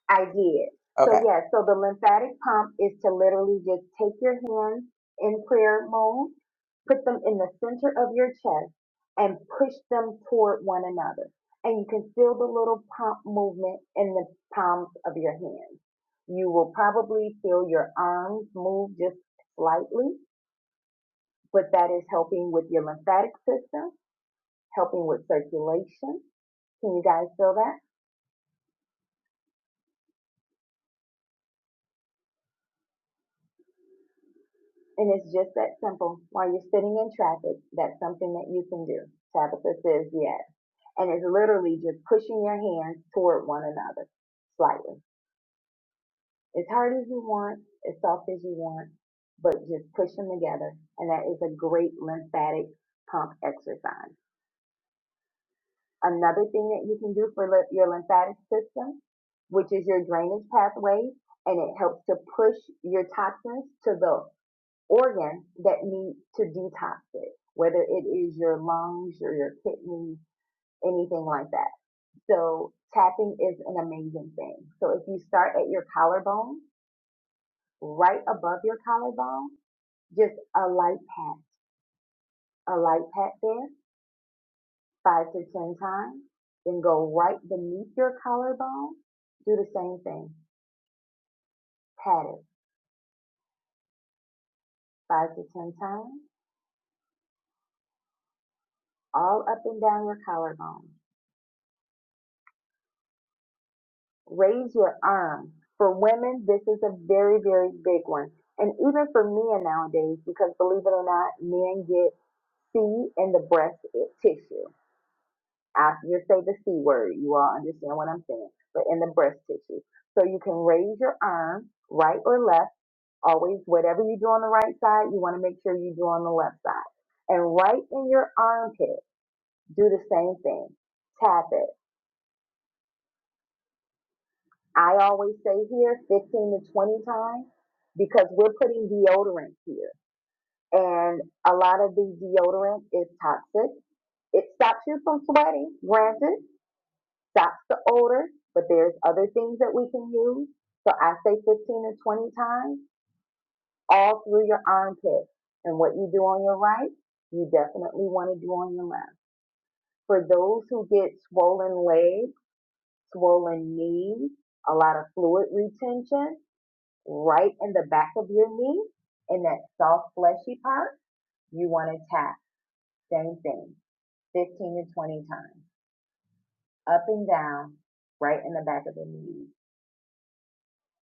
B: I did. So
A: Okay.
B: yes, so the lymphatic pump is to literally just take your hands in prayer mode, put them in the center of your chest and push them toward one another. And you can feel the little pump movement in the palms of your hands. You will probably feel your arms move just slightly, but that is helping with your lymphatic system, helping with circulation. Can you guys feel that? And it's just that simple. While you're sitting in traffic, that's something that you can do. Tabitha says yes. And it's literally just pushing your hands toward one another slightly. As hard as you want, as soft as you want, but just push them together. And that is a great lymphatic pump exercise. Another thing that you can do for your lymphatic system, which is your drainage pathways, and it helps to push your toxins to the organ that needs to detox it, whether it is your lungs or your kidneys, anything like that. So tapping is an amazing thing. So if you start at your collarbone, right above your collarbone, just a light pat, a light pat there, five to 10 times, then go right beneath your collarbone, do the same thing, pat it five to 10 times, all up and down your collarbone. raise your arm. For women, this is a very, very big one. And even for men nowadays, because believe it or not, men get C in the breast tissue. I just say the C word. You all understand what I'm saying, but in the breast tissue. So you can raise your arm, right or left, always, whatever you do on the right side, you want to make sure you do on the left side. And right in your armpit, do the same thing. Tap it I always say here 15 to 20 times because we're putting deodorant here. And a lot of the deodorant is toxic. It stops you from sweating, granted, stops the odor, but there's other things that we can use. So I say 15 to 20 times all through your armpit. And what you do on your right, you definitely want to do on your left. For those who get swollen legs, swollen knees, a lot of fluid retention, right in the back of your knee, in that soft fleshy part, you want to tap. Same thing, 15 to 20 times, up and down, right in the back of the knee.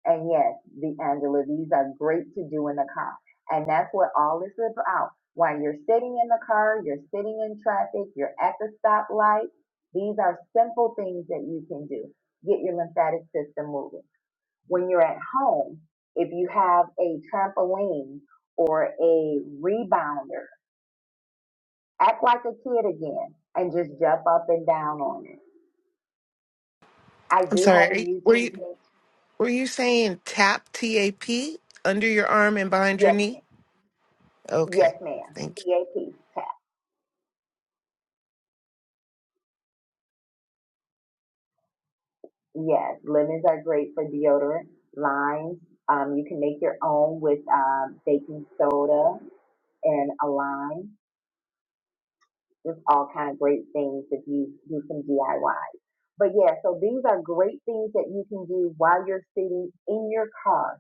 B: And yes, the Angela, these are great to do in the car. And that's what all this is about. While you're sitting in the car, you're sitting in traffic, you're at the stoplight, these are simple things that you can do. Get your lymphatic system moving when you're at home, if you have a trampoline or a rebounder, act like a kid again and just jump up and down on it. I
C: I'm
B: do have
C: sorry.
B: a
C: are you- Were
B: YouTube
C: you
B: page.
C: were you saying tap T A P under your arm and behind your
B: Yes,
C: knee?
B: ma'am.
C: Okay.
B: Yes, ma'am.
C: Thank you.
B: TAP, tap. Yes, lemons are great for deodorant. Limes, um, you can make your own with um, baking soda and a lime There's all kind of great things if you do some DIY. But yeah, so these are great things that you can do while you're sitting in your car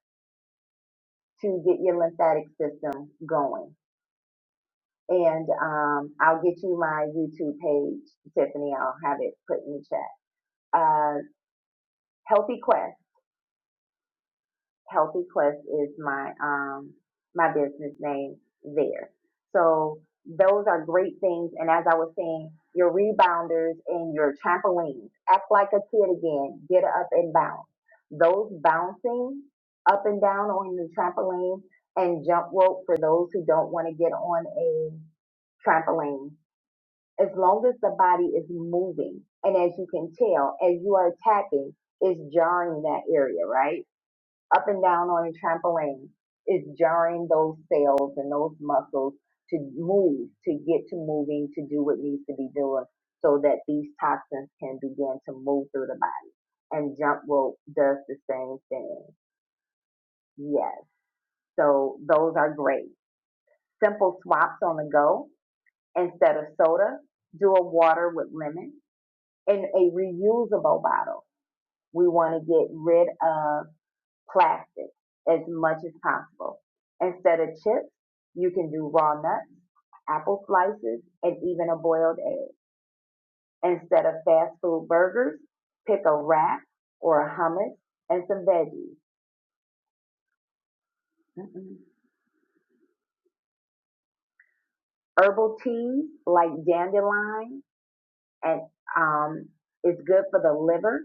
B: to get your lymphatic system going. And um, I'll get you my YouTube page, Tiffany. I'll have it put in the chat. Uh, Healthy Quest. Healthy Quest is my um my business name there. So those are great things. And as I was saying, your rebounders and your trampolines. Act like a kid again. Get up and bounce. Those bouncing up and down on the trampoline and jump rope for those who don't want to get on a trampoline. As long as the body is moving, and as you can tell, as you are tapping, it's jarring that area, right? up and down on a trampoline is jarring those cells and those muscles to move, to get to moving, to do what needs to be doing so that these toxins can begin to move through the body. And jump rope does the same thing. Yes. So those are great. Simple swaps on the go. Instead of soda, do a water with lemon in a reusable bottle. We want to get rid of plastic as much as possible. Instead of chips, you can do raw nuts, apple slices, and even a boiled egg. Instead of fast food burgers, pick a wrap or a hummus and some veggies. Mm-mm. Herbal teas like dandelion and um, is good for the liver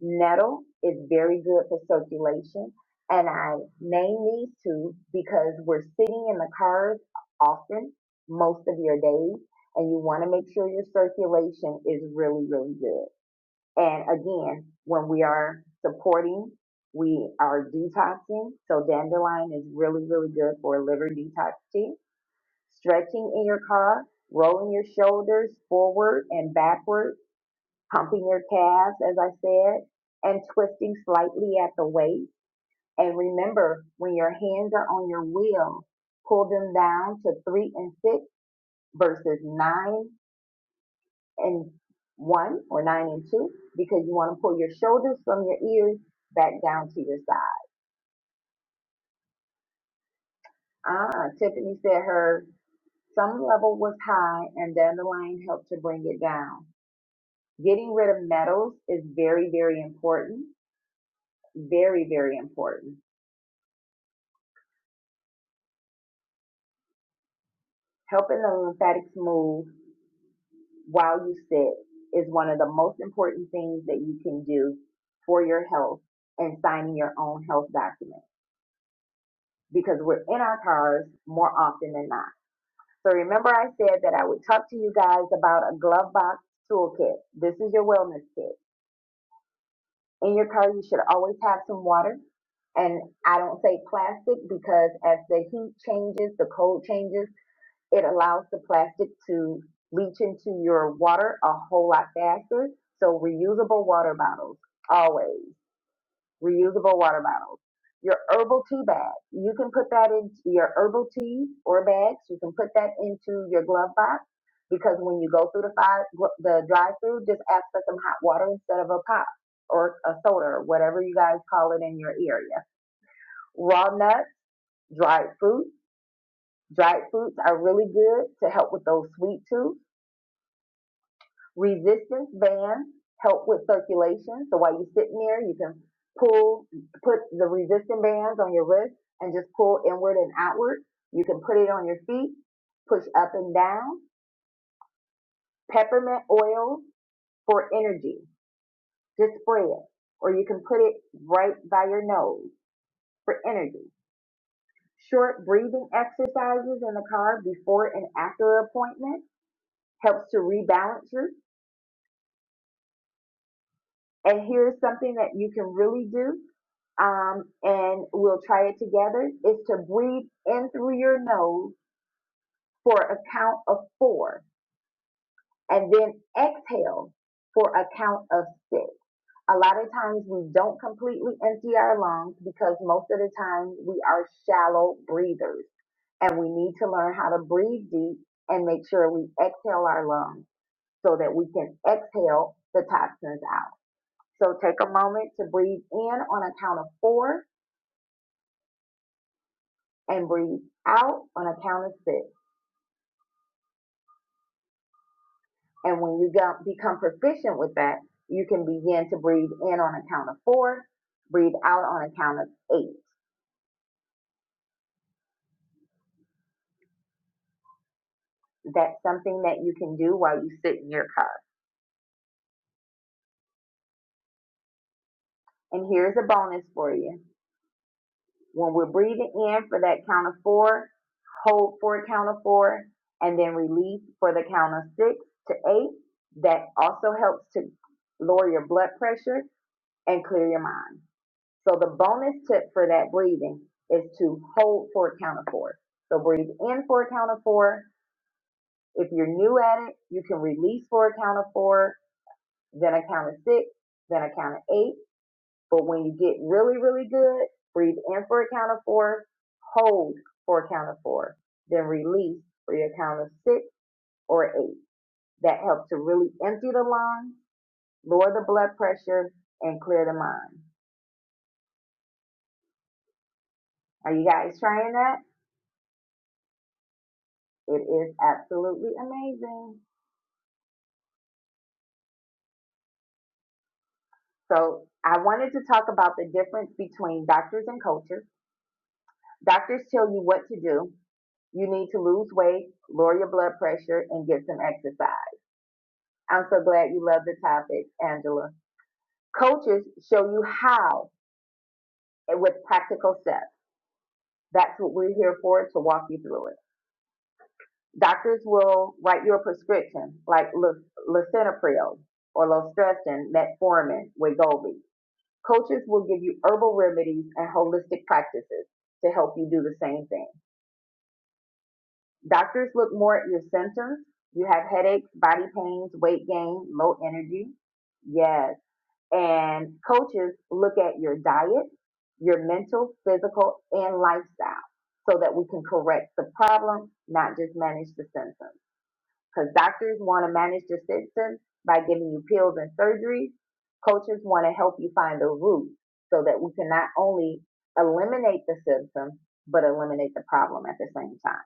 B: Nettle is very good for circulation. And I name these two because we're sitting in the cars often, most of your days, and you want to make sure your circulation is really, really good. And again, when we are supporting, we are detoxing. So dandelion is really, really good for liver detox tea. Stretching in your car, rolling your shoulders forward and backward pumping your calves, as I said, and twisting slightly at the waist. And remember, when your hands are on your wheel, pull them down to three and six versus nine and one or nine and two because you want to pull your shoulders from your ears back down to your side. Ah, Tiffany said her some level was high and the dandelion helped to bring it down. Getting rid of metals is very, very important. Very, very important Helping the lymphatics move while you sit is one of the most important things that you can do for your health and signing your own health document because we're in our cars more often than not. So remember I said that I would talk to you guys about a glove box toolkit. This is your wellness kit. In your car, you should always have some water. And I don't say plastic because as the heat changes, the cold changes, It allows the plastic to leach into your water a whole lot faster. So reusable water bottles, always reusable water bottles. Your herbal tea bag, you can put that into your herbal tea or bags. You can put that into your glove box because when you go through the five, the drive-through, just ask for some hot water instead of a pop or a soda or whatever you guys call it in your area. Raw nuts, dried fruit, dried fruits are really good to help with those sweet tooth. resistance bands help with circulation. So while you're sitting there, you can pull, put the resistance bands on your wrist and just pull inward and outward. You can put it on your feet, push up and down. Peppermint oil for energy, just spray it. Or you can put it right by your nose for energy. Short breathing exercises in the car before and after an appointment helps to rebalance you. and here's something that you can really do um, and we'll try it together is to breathe in through your nose for a count of four and then exhale for a count of six a lot of times we don't completely empty our lungs because most of the time we are shallow breathers and we need to learn how to breathe deep and make sure we exhale our lungs so that we can exhale the toxins out So take a moment to breathe in on a count of four and breathe out on a count of six. And when you become proficient with that, you can begin to breathe in on a count of four, breathe out on a count of eight. That's something that you can do while you sit in your car. And here's a bonus for you. When we're breathing in for that count of four, hold for a count of four, and then release for the count of six to eight. That also helps to lower your blood pressure and clear your mind. So the bonus tip for that breathing is to hold for a count of four. So breathe in for a count of four. If you're new at it, you can release for a count of four, then a count of six, then a count of eight. But when you get really, really good, breathe in for a count of four, hold for a count of four, then release for your count of six or eight. That helps to really empty the lungs, lower the blood pressure, and clear the mind. Are you guys trying that? It is absolutely amazing. So I wanted to talk about the difference between doctors and coaches. Doctors tell you what to do. You need to lose weight, lower your blood pressure, and get some exercise. I'm so glad you love the topic, Angela. Coaches show you how eh, with practical steps. That's what we're here for to walk you through it. Doctors will write you a prescription like lisinopril or losartan, metformin, Wegovy. Coaches will give you herbal remedies and holistic practices to help you do the same thing. Doctors look more at your symptoms. You have headaches, body pains, weight gain, low energy. Yes. And coaches look at your diet, your mental, physical, and lifestyle so that we can correct the problem, not just manage the symptoms because doctors want to manage the symptoms by giving you pills and surgery. Coaches want to help you find the root so that we can not only eliminate the symptoms but eliminate the problem at the same time.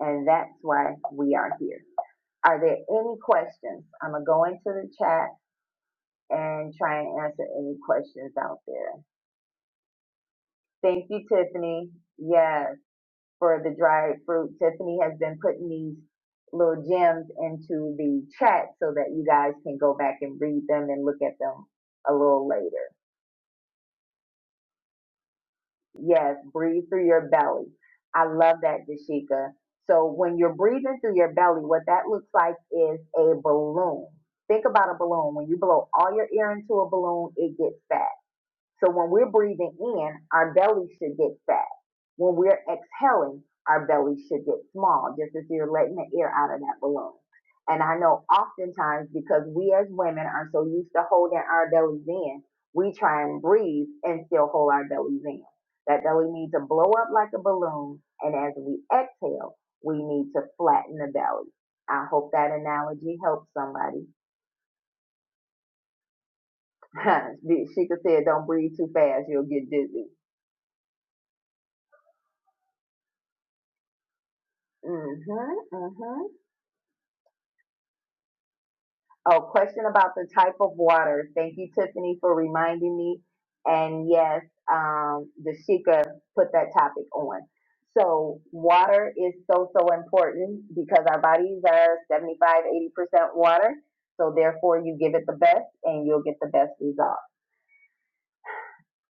B: And that's why we are here. Are there any questions? I'm going to go into the chat and try and answer any questions out there. Thank you, Tiffany. Yes. for the dried fruit. Tiffany has been putting these little gems into the chat so that you guys can go back and read them and look at them a little later. Yes, breathe through your belly. I love that, Dashika. So when you're breathing through your belly, what that looks like is a balloon. Think about a balloon. When you blow all your air into a balloon, it gets fat. So when we're breathing in, our belly should get fat. When we're exhaling, our belly should get small, just as you're letting the air out of that balloon. And I know oftentimes because we as women are so used to holding our bellies in, we try and breathe and still hold our bellies in. That belly needs to blow up like a balloon. And as we exhale, we need to flatten the belly. I hope that analogy helps somebody. Sheikha said, don't breathe too fast. You'll get dizzy. Mm-hmm, mm-hmm. Oh, question about the type of water. Thank you, Tiffany, for reminding me. And yes, um, Dashika put that topic on. So water is so, so important because our bodies are seventy-five, eighty percent water. So therefore you give it the best and you'll get the best result.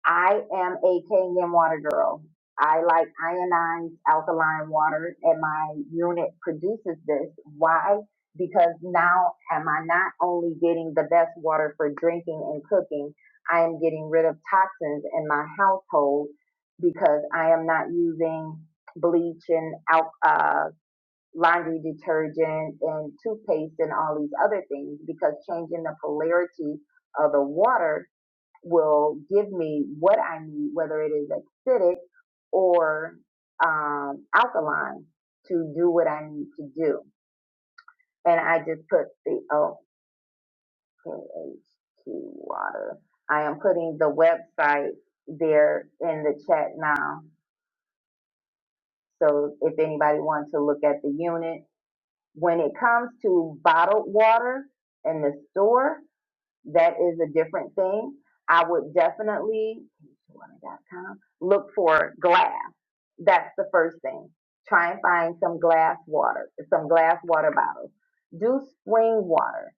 B: I am a Kenyan water girl. I like ionized alkaline water and my unit produces this. Why? Because now am I not only getting the best water for drinking and cooking, I am getting rid of toxins in my household because I am not using bleach and al- uh, laundry detergent and toothpaste and all these other things because changing the polarity of the water will give me what I need, whether it is acidic or um, alkaline, to do what I need to do. And I just put the OKH2 water. I am putting the website there in the chat now. So if anybody wants to look at the unit, when it comes to bottled water in the store, that is a different thing. I would definitely look for glass. That's the first thing. Try and find some glass water, some glass water bottles. Do spring water.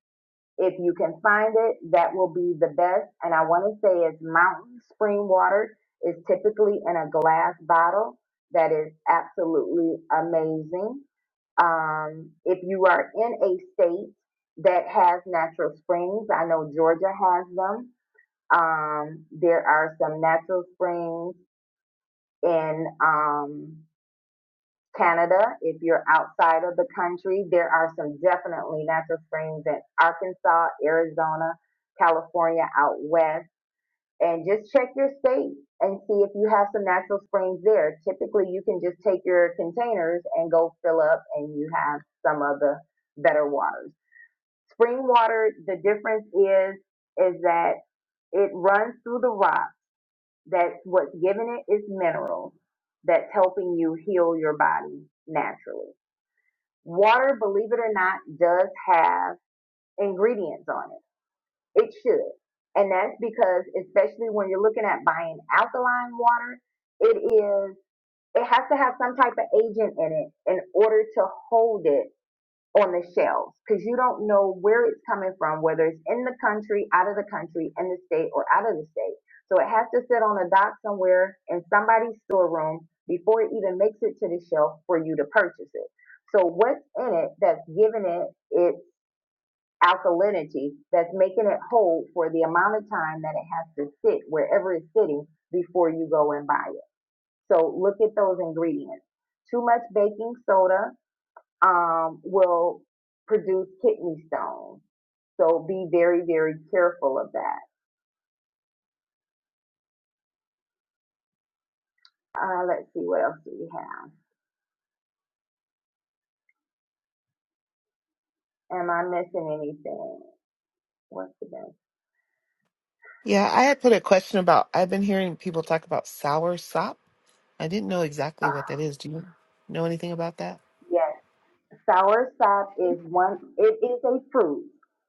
B: If you can find it, that will be the best. And I want to say it's mountain spring water is typically in a glass bottle. That is absolutely amazing. Um, if you are in a state that has natural springs, I know Georgia has them. Um, there are some natural springs in um, Canada. If you're outside of the country, there are some definitely natural springs in Arkansas, Arizona, California out west and just check your state and see if you have some natural springs there. Typically, you can just take your containers and go fill up, and you have some of the better waters. Spring water, the difference is is that it runs through the rock. That's what's giving it its minerals. That's helping you heal your body naturally. Water, believe it or not, does have ingredients on it it should. And that's because especially when you're looking at buying alkaline water, it is it has to have some type of agent in it in order to hold it on the shelves because you don't know where it's coming from, whether it's in the country, out of the country, in the state, or out of the state. So it has to sit on a dock somewhere in somebody's storeroom before it even makes it to the shelf for you to purchase it. So what's in it that's giving it its alkalinity that's making it hold for the amount of time that it has to sit wherever it's sitting before you go and buy it. So look at those ingredients. Too much baking soda um, will produce kidney stones. So be very, very careful of that. Uh, let's see, what else do we have? Am I missing anything? What's the best?
C: Yeah, I had put a question about. I've been hearing people talk about sour sop. I didn't know exactly
B: Uh,
C: what that is. Do you know anything about that?
B: yes. Soursop is one. It is a fruit.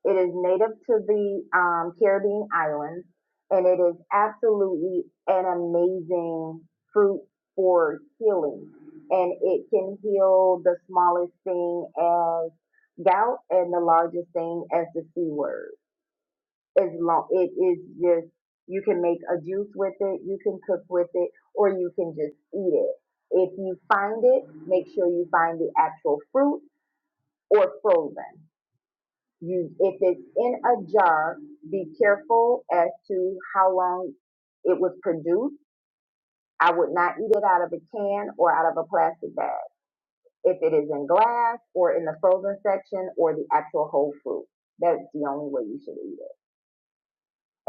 B: It is native to the um, Caribbean islands, and it is absolutely an amazing fruit for healing. And it can heal the smallest thing as gout, and the largest thing as the C word. As long it is just you can make a juice with it, you can cook with it, or you can just eat it. If you find it, make sure you find the actual fruit or frozen. You, if it's in a jar, be careful as to how long it was produced. I would not eat it out of a can or out of a plastic bag. If it is in glass or in the frozen section or the actual whole fruit, that's the only way you should eat it.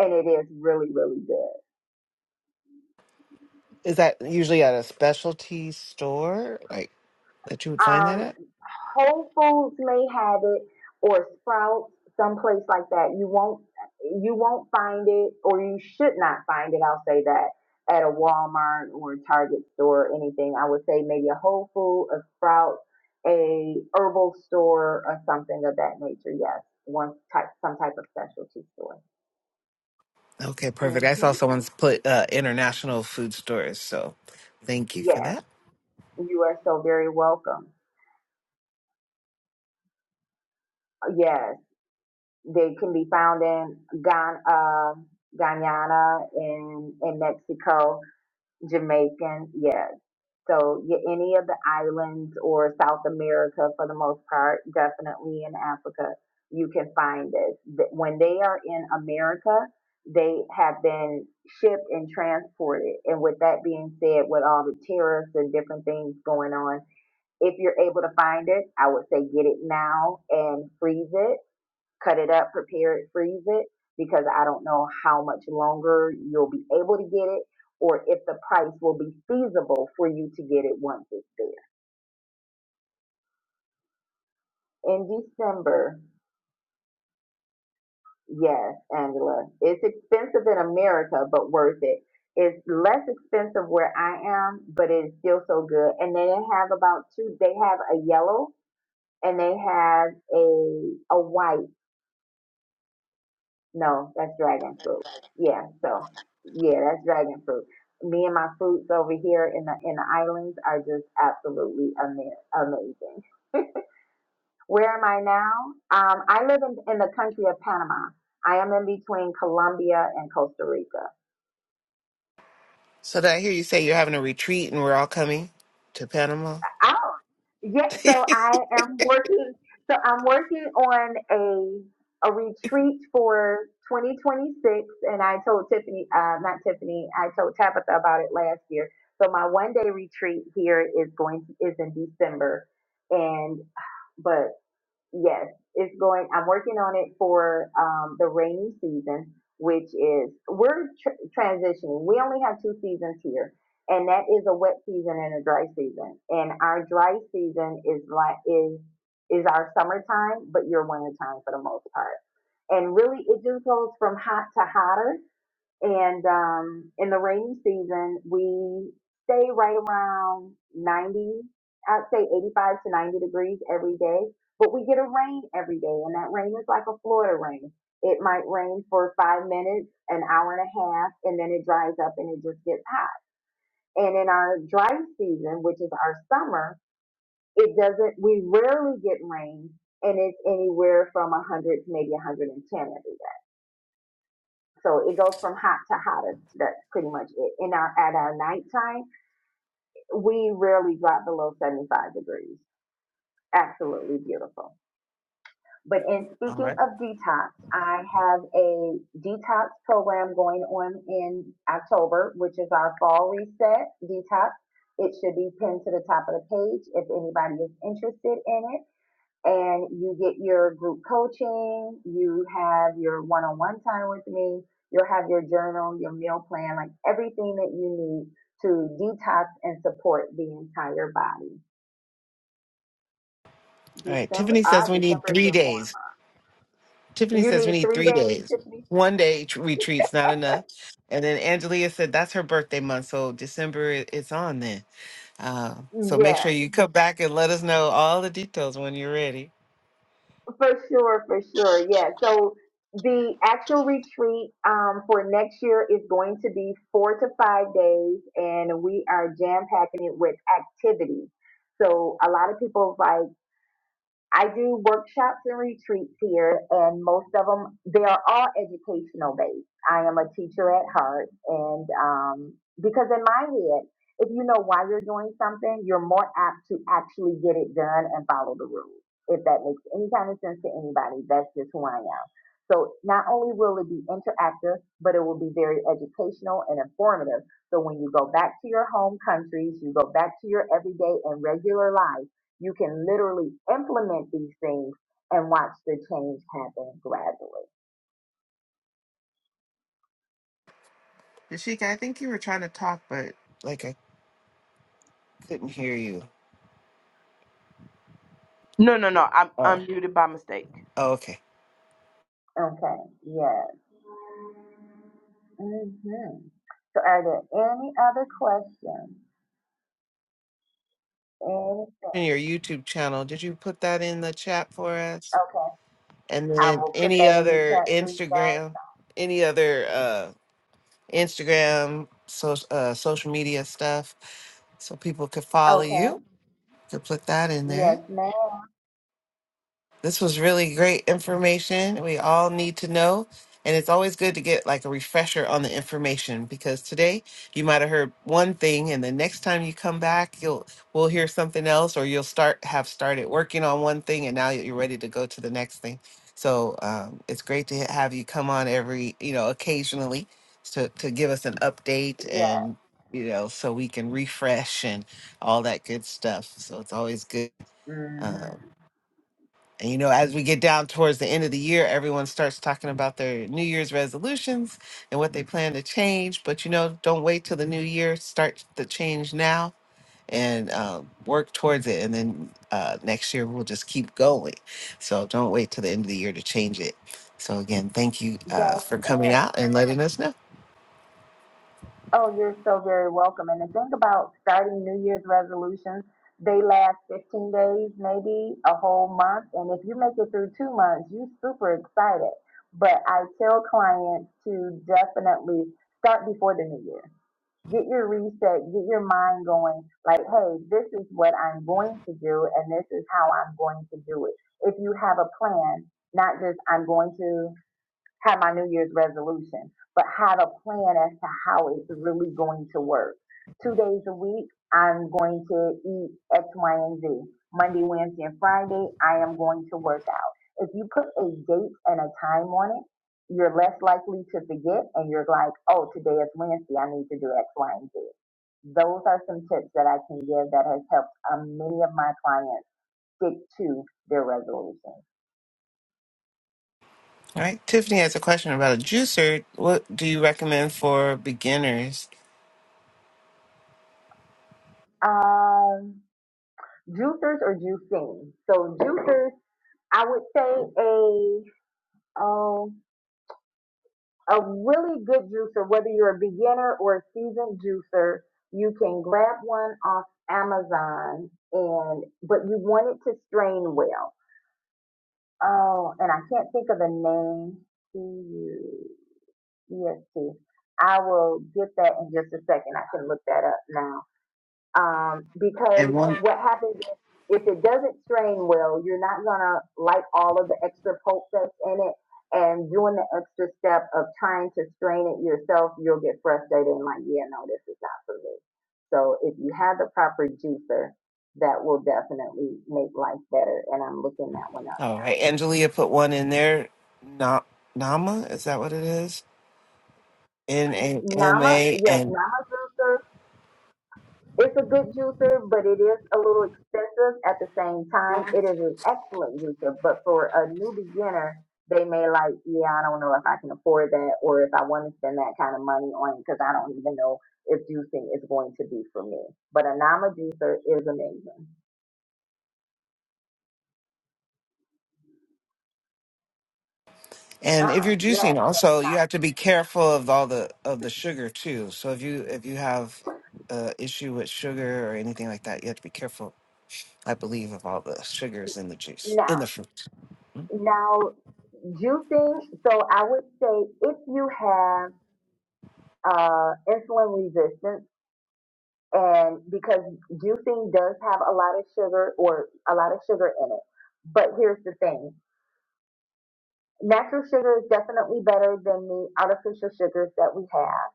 B: And it is really, really good.
C: Is that usually at a specialty store, like that you would find that
B: Um,
C: at?
B: Whole Foods may have it or Sprouts, someplace like that. You won't you won't find it or you should not find it, I'll say that, at a Walmart or a Target store or anything. I would say maybe a Whole Food, a Sprouts, a herbal store or something of that nature, yes. One type some type of specialty store.
C: Okay, perfect. I saw
B: hmm
C: someone's put uh, international food stores, so thank you for
B: Yes.
C: that.
B: You are so very welcome. Yes. They can be found in Ghana, uh, Guyana, in in Mexico, Jamaican, yeah. So yeah, any of the islands or South America, for the most part, definitely in Africa, you can find this. When they are in America, they have been shipped and transported. And with that being said, with all the tariffs and different things going on, if you're able to find it, I would say get it now and freeze it cut it up, prepare it, freeze it, because I don't know how much longer you'll be able to get it or if the price will be feasible for you to get it once it's there. In December, yes, Angela, it's expensive in America, but worth it. It's less expensive where I am, but it's still so good. And they have about two, they have a yellow and they have a a white No, that's dragon fruit. Yeah, so yeah, that's dragon fruit. Me and my fruits over here in the in the islands are just absolutely ama- amazing. Where am I now? Um, I live in, in the country of Panama. I am in between Colombia and Costa Rica.
C: So did I hear you say you're having a retreat and we're all coming to Panama?
B: out. Yeah, so I am working. So I'm working on a a retreat for 2026, and I told Tiffany, uh, not Tiffany, I told Tabitha about it last year. So my one day retreat here is going is in December, and but Yes, it's going. I'm working on it for um, the rainy season, which is we're tr- transitioning. We only have two seasons here, and that is a wet season and a dry season. And our dry season is like is is our summertime, but your wintertime for the most part. And really, it just goes from hot to hotter and um, in the rainy season, we stay right around 90, I'd say 85 to 90 degrees every day, but we get a rain every day. And that rain is like a Florida rain. It might rain for five minutes, an hour and a half, and then it dries up and it just gets hot. And in our dry season, which is our summer, it doesn't, we rarely get rain and it's anywhere from 100 to maybe 110 every day. So it goes from hot to hotter. That's pretty much it. In our at our nighttime, we rarely drop below 75 degrees. Absolutely beautiful. But in
C: all
B: speaking
C: right.
B: of detox, I have a detox program going on in October, which is our fall reset detox. It should be pinned to the top of the page if anybody is interested in it and you get your group coaching, you have your one on one time with me, you'll have your journal, your meal plan, like everything that you need to detox and support the entire body.
C: All right.
B: December,
C: Tiffany
B: ah,
C: says we need
B: December is
C: three
B: your form.
C: days. Tiffany
B: You
C: says we
B: need
C: need
B: three
C: three
B: days,
C: days.
B: Tiffany?
C: One day tr- retreat's not enough. And then Angelia said that's her birthday month, so December i- it's on then. Uh, so make sure
B: Yes,
C: you come back and let us know all the details when you're ready.
B: for sure, for sure. Yeah. So the actual retreat um, for next year is going to be four to five days, and we are jam packing it with activities. So a lot of people like. I do workshops and retreats here, and most of them they are all educational based. I am a teacher at heart, and um, because in my head, if you know why you're doing something, you're more apt to actually get it done and follow the rules. If that makes any kind of sense to anybody, that's just who I am. So not only will it be interactive, but it will be very educational and informative. So when you go back to your home countries, you go back to your everyday and regular life you can literally implement these things and watch the change happen gradually.
C: Dashika, I think you were trying to talk, but like I couldn't hear you.
A: No, no, no. I'm
C: Oh,
A: unmuted by mistake.
C: oh okay.
B: Okay, yes. hmm So are there any other questions? Anything?
C: In your YouTube channel, did you put that in the chat for us?
B: Okay,
C: And
B: I
C: then
B: will put
C: any
B: that in the
C: other
B: chat for you guys.
C: Instagram, any other? uh, Instagram, so, uh, social media stuff, so people could follow
B: Okay,
C: you. Could put that in
B: yes,
C: there.
B: ma'am.
C: This was really great information. We all need to know. And it's always good to get like a refresher on the information because today you might have heard one thing and the next time you come back you'll we'll hear something else or you'll start have started working on one thing and now you're ready to go to the next thing. So um, it's great to have you come on every, you know, occasionally to, to give us an update
B: Yes.
C: and you know, so we can refresh and all that good stuff. So it's always good.
B: hmm
C: um, and you know, as we get down towards the end of the year, everyone starts talking about their New Year's resolutions and what they plan to change. But you know, don't wait till the new year. Start the change now and um, work towards it. And then uh, next year, we'll just keep going. So don't wait till the end of the year to change it. So again, thank you uh,
B: That's.
C: for coming out and letting us know.
B: Oh, you're so very welcome. And to think about starting New Year's resolutions, they last 15 days, maybe a whole month. And if you make it through two months, you're super excited. But I tell clients to definitely start before the new year. Get your reset, get your mind going like, hey, this is what I'm going to do, and this is how I'm going to do it. If you have a plan, not just I'm going to had my New Year's resolution, but have a plan as to how it's really going to work. Two days a week, I'm going to eat X, Y, and Z. Monday, Wednesday, and Friday, I am going to work out. If you put a date and a time on it, you're less likely to forget and you're like, oh, today is Wednesday. I need to do X, Y, and Z. Those are some tips that I can give that has helped um, many of my clients stick to their resolutions.
C: All right, Tiffany has a question about a juicer. What do you recommend for beginners?
B: Um. juicers or juicing. So juicers, I would say a um a really good juicer, whether you're a beginner or a seasoned juicer, you can grab one off Amazon and but you want it to strain well. Oh, and I can't think of the name. C U E S T. I will get that in just a second. I can look that up now. um,
C: And
B: because
C: one.
B: what happens is if it doesn't strain well, you're not gonna like all of the extra pulp that's in it, and doing the extra step of trying to strain it yourself, you'll get frustrated and like, yeah, no, this is not for me. So if you have the proper juicer, that will definitely make life better. And I'm looking that one up.
C: All right. Angelia put one in there. Na- Nama, is that what it is? N A
B: now.
C: M
B: Nama,
C: A
B: yes,
C: and
B: Nama juicer It's a good juicer, but it is a little expensive. At the same time, it is an excellent juicer. But for a new beginner, they may like, yeah, I don't know if I can afford that or if I want to spend that kind of money on it because I don't even know if juicing is going to be for me. But a Nama juicer is amazing.
C: and if
B: Ah,
C: you're
B: yeah.
C: juicing
B: check-
C: also you have to be careful of all the of the sugar too. So if you if you have uh issue with sugar or anything like that, you have to be careful, I believe, of all the sugars in the juice,
B: Now,
C: in the fruit.
B: now juicing. So I would say if you have uh, insulin resistance and because juicing does have a lot of sugar or a lot of sugar in it. But here's the thing. Natural sugar is definitely better than the artificial sugars that we have.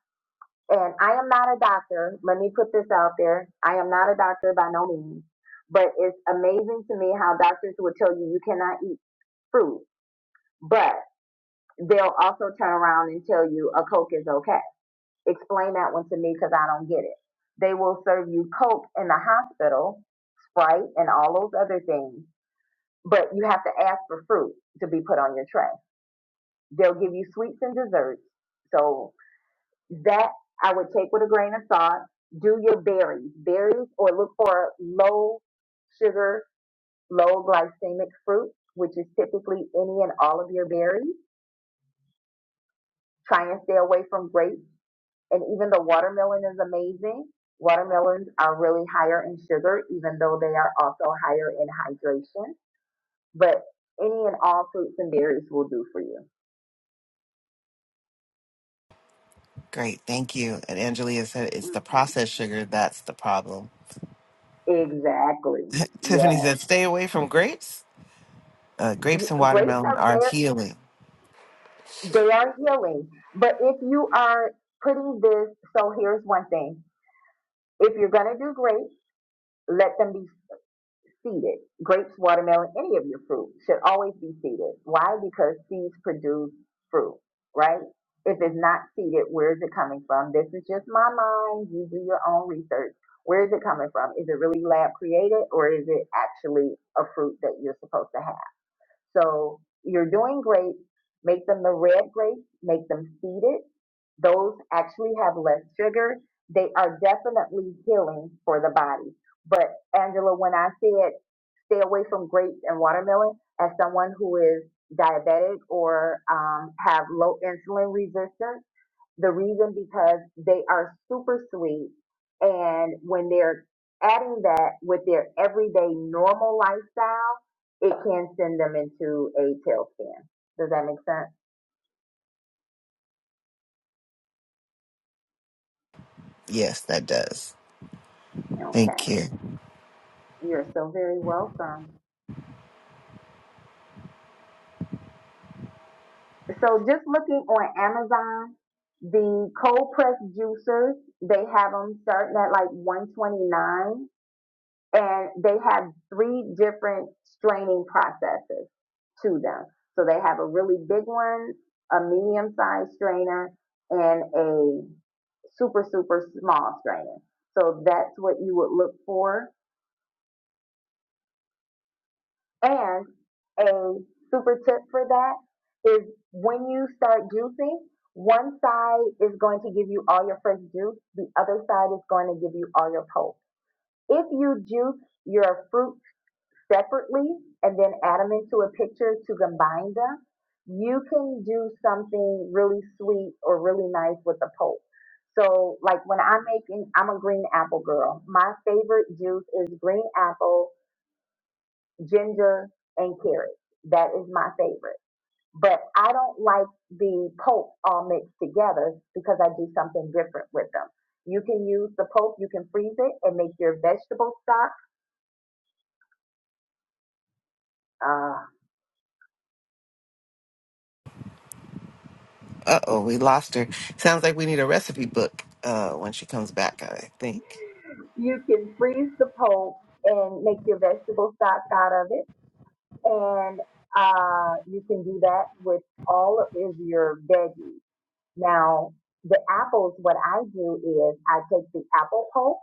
B: And I am not a doctor. Let me put this out there. I am not a doctor by no means, but it's amazing to me how doctors will tell you you cannot eat fruit, but they'll also turn around and tell you a Coke is okay. Explain that one to me because I don't get it. They will serve you Coke in the hospital right? And all those other things. But you have to ask for fruit to be put on your tray. They'll give you sweets and desserts. So that I would take with a grain of salt. Do your berries, berries, or look for low sugar, low glycemic fruit, which is typically any and all of your berries. Try and stay away from grapes. And even the watermelon is amazing. Watermelons are really higher in sugar, even though they are also higher in hydration But any and all fruits and berries will do for you.
C: Great, thank you. And Angelia said it's the
B: hmm
C: processed sugar that's the problem.
B: Exactly. Yes.
C: Tiffany said stay away from grapes. Uh, grapes and
B: Grapes
C: watermelon
B: are
C: are
B: very,
C: healing.
B: they are healing. But if you are putting this, so here's one thing. If you're going to do grapes, let them be seeded. Grapes, watermelon, any of your fruit should always be seeded. Why? Because seeds produce fruit, right? If it's not seeded, where is it coming from? This is just my mind. You do your own research. Where is it coming from? Is it really lab created or is it actually a fruit that you're supposed to have? So you're doing grapes. Make them the red grapes. Make them seeded. Those actually have less sugar. They are definitely healing for the body. But Angela, when I said stay away from grapes and watermelon, as someone who is diabetic or um, have low insulin resistance, the reason because they are super sweet. And when they're adding that with their everyday normal lifestyle, it can send them into a tailspin. Does that make sense?
C: Yes, that does.
B: Okay.
C: Thank you.
B: You're so very
C: Uh
B: welcome. So just looking on Amazon, the cold press juicers, they have them starting at like 129 and they have three different straining processes to them. So they have a really big one, a medium sized strainer, and a super, super small strainer. So that's what you would look for. And a super tip for that is when you start juicing, one side is going to give you all your fresh juice, the other side is going to give you all your pulp. If you juice your fruit separately and then add them into a picture to combine them, you can do something really sweet or really nice with the pulp. So, like when I'm making, I'm a green apple girl. My favorite juice is green apple, ginger, and carrots. That is my favorite. But I don't like the pulp all mixed together because I do something different with them. You can use the pulp, you can freeze it and make your vegetable stock. Uh,
C: oh, we lost her. Sounds like we need a recipe book uh, when she comes back. I think.
B: you can freeze the pulp and make your vegetable stock out of it. And uh, you can do that with all of your veggies. Now, the apples, what I do is I take the apple pulp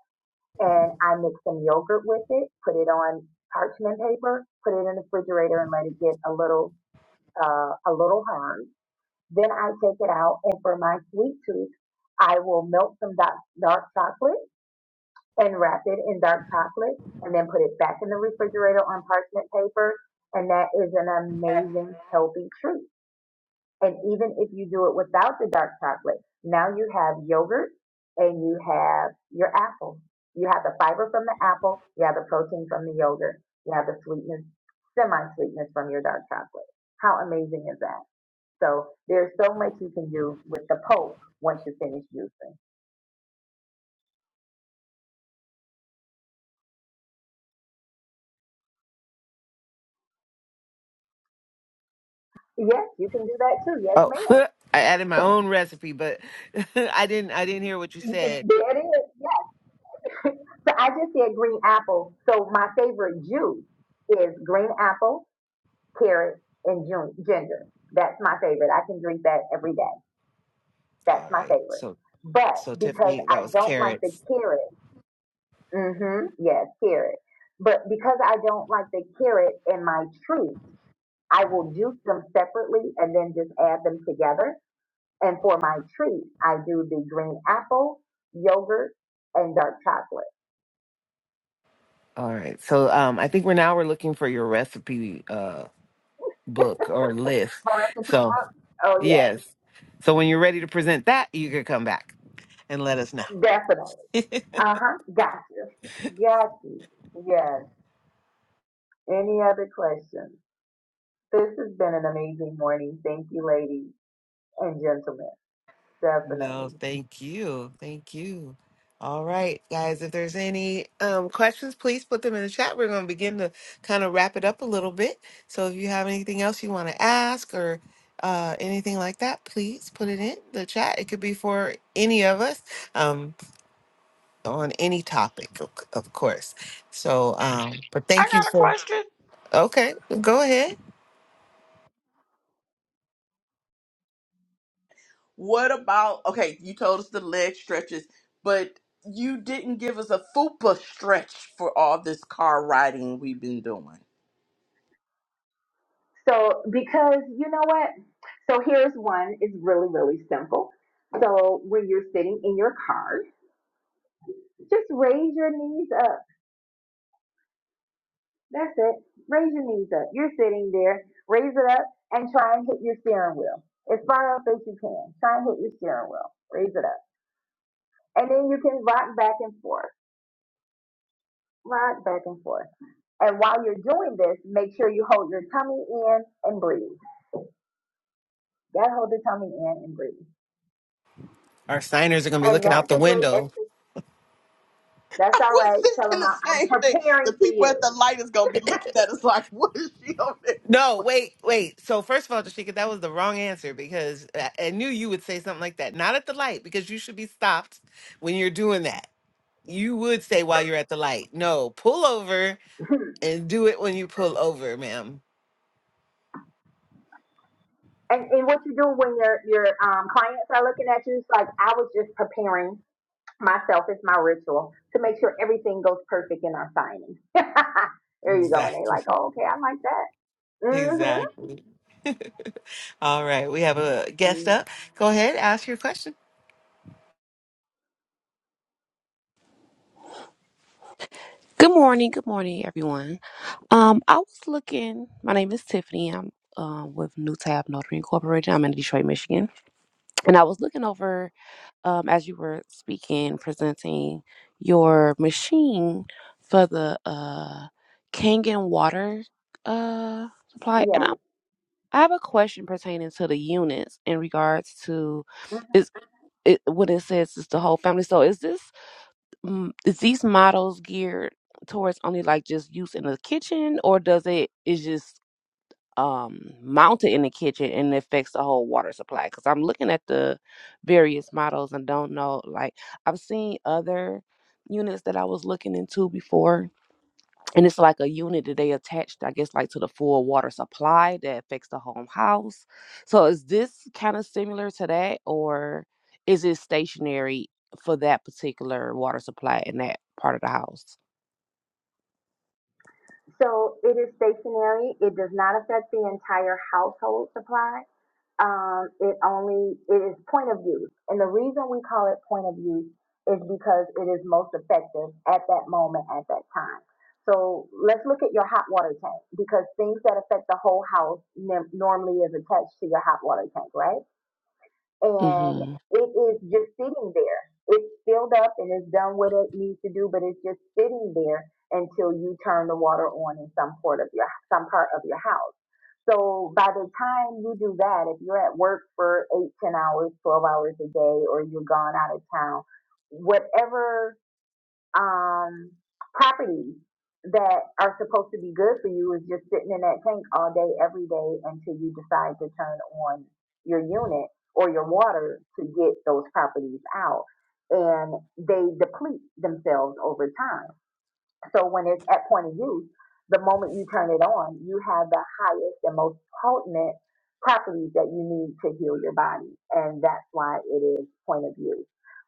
B: and I mix some yogurt with it, put it on parchment paper, put it in the refrigerator and let it get a little, uh, a little hard. Then I take it out and for my sweet tooth, I will melt some dark, dark chocolate and wrap it in dark chocolate and then put it back in the refrigerator on parchment paper. And that is an amazing healthy treat. And even if you do it without the dark chocolate, now you have yogurt and you have your apple. You have the fiber from the apple, you have the protein from the yogurt, you have the sweetness, semi sweetness from your dark chocolate. How amazing is that? So there's so much you can do with the pulp once you finish juicing. Yes, you can do that too. Yes,
C: Oh,
B: ma'am.
C: I added my own recipe, but I didn't. I didn't hear what you
B: You can-
C: said.
B: That is. So I just said green apple. So my favorite juice is green apple, carrot, and ju- ginger. That's my favorite. I can drink that every day. That's
C: All
B: my
C: right.
B: favorite.
C: So,
B: But
C: so
B: because
C: Tiffany,
B: I
C: that was
B: don't like the
C: carrots.
B: carrot, mm-hmm, yes, carrot. But because I don't like the carrot in my treat, I will juice them separately and then just add them together. And for my treat, I do the green apple, yogurt, and dark chocolate.
C: All right. So, um, I think we're now we're looking for your recipe uh book or list.
B: My recipe
C: So,
B: book? Oh yeah.
C: yes. So when you're ready to present that, you can come back and let us know.
B: Definitely. Uh huh. Gotcha. Got you. Yes. Any other questions? This has been an amazing morning. Thank you, ladies and gentlemen.
C: No,
B: Definitely.
C: thank you. Thank you. All right, guys, if there's any um, questions, please put them in the chat. We're going to begin to kind of wrap it up a little bit. So if you have anything else you want to ask or uh, anything like that, please put it in the chat. It could be for any of us um, on any topic, of of course. So, um, but
A: I
C: thank you
A: got a
C: for.
A: question.
C: Okay, go ahead.
A: What about? Okay, you told us the leg stretches, but you didn't give us a fupa stretch for all this car riding we've been doing.
B: So, because you know what? So, here's one. It's really, really simple. So, when you're sitting in your car, just raise your knees up. That's it. Raise your knees up. You're sitting there. Raise it up and try and hit your steering wheel as far up as you can. Try and hit your steering wheel. Raise it up. And then you can rock back and forth, rock back and forth. And while you're doing this, make sure you hold your tummy in and breathe. Yeah, hold the tummy in and breathe.
C: Our signers are going to be
B: And
C: looking out
B: that's
C: the
B: a great
C: window
B: exercise. That's
A: I
B: all
A: was
B: right. Tell
A: thinking
B: them
A: the
B: I- I'm
A: same thing. The
B: preparing for
A: people at
B: you.
A: the light is gonna be looking at us like, what is she on there
C: No,
A: doing?
C: wait, wait. So first of all, Tashika, that was the wrong answer because I I knew you would say something like that. Not at the light because you should be stopped when you're doing that. You would say while you're at the light. No, pull over and do it when you pull over, ma'am.
B: And, and what you do when your your um, clients are looking at you, it's like I was just preparing myself. It's my ritual to make sure everything goes perfect in our signing. there you go. And they
C: Exactly.
B: like, oh, okay, I like that. Mm-hmm.
C: Exactly. all right, we have a guest
B: Mm,
C: up. Go ahead, ask your question.
D: Good morning, good morning, everyone. Um, I was looking. My name is Tiffany. I'm um with New Tab Notary Incorporated. I'm in Detroit, Michigan, and I was looking over um as you were speaking, presenting your machine for the uh Kangen water uh supply, and I
B: Yeah.
D: I have a question pertaining to the units in regards to is it when it says it's the whole family. So is this mm, is these models geared towards only like just use in the kitchen or does it is just um mounted in the kitchen and it affects the whole water supply because i'm looking at the various models and don't know like i've seen other units that i was looking into before and it's like a unit that they attached i guess like to the full water supply that affects the home house so is this kind of similar to that or is it stationary for that particular water supply in that part of the house
B: So it is stationary. It does not affect the entire household supply. Um, it only it is point of use, and the reason we call it point of use is because it is most effective at that moment at that time. So let's look at your hot water tank because things that affect the whole house nim- normally is attached to your hot water tank, right? and
D: hmm
B: it is just sitting there. It's filled up and it's done what it needs to do, but it's just sitting there until you turn the water on in some part of your some part of your house. So by the time you do that, if you're at work for eight, ten hours, twelve hours a day, or you're gone out of town, whatever um, properties that are supposed to be good for you is just sitting in that tank all day, every day until you decide to turn on your unit or your water to get those properties out. And they deplete themselves over time. So when it's at point of use, the moment you turn it on, you have the highest and most potent properties that you need to heal your body. And that's why it is point of use.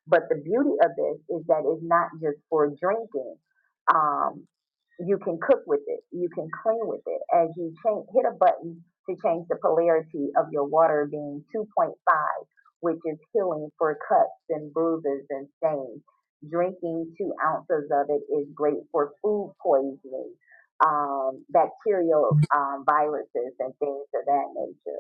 B: But the beauty of this is that it's not just for drinking. Um, you can cook with it. You can clean with it. As you change, hit a button to change the polarity of your water being 2.5, which is healing for cuts and bruises and stains Drinking two ounces of it is great for food poisoning, um, bacterial um, viruses, and things of that nature.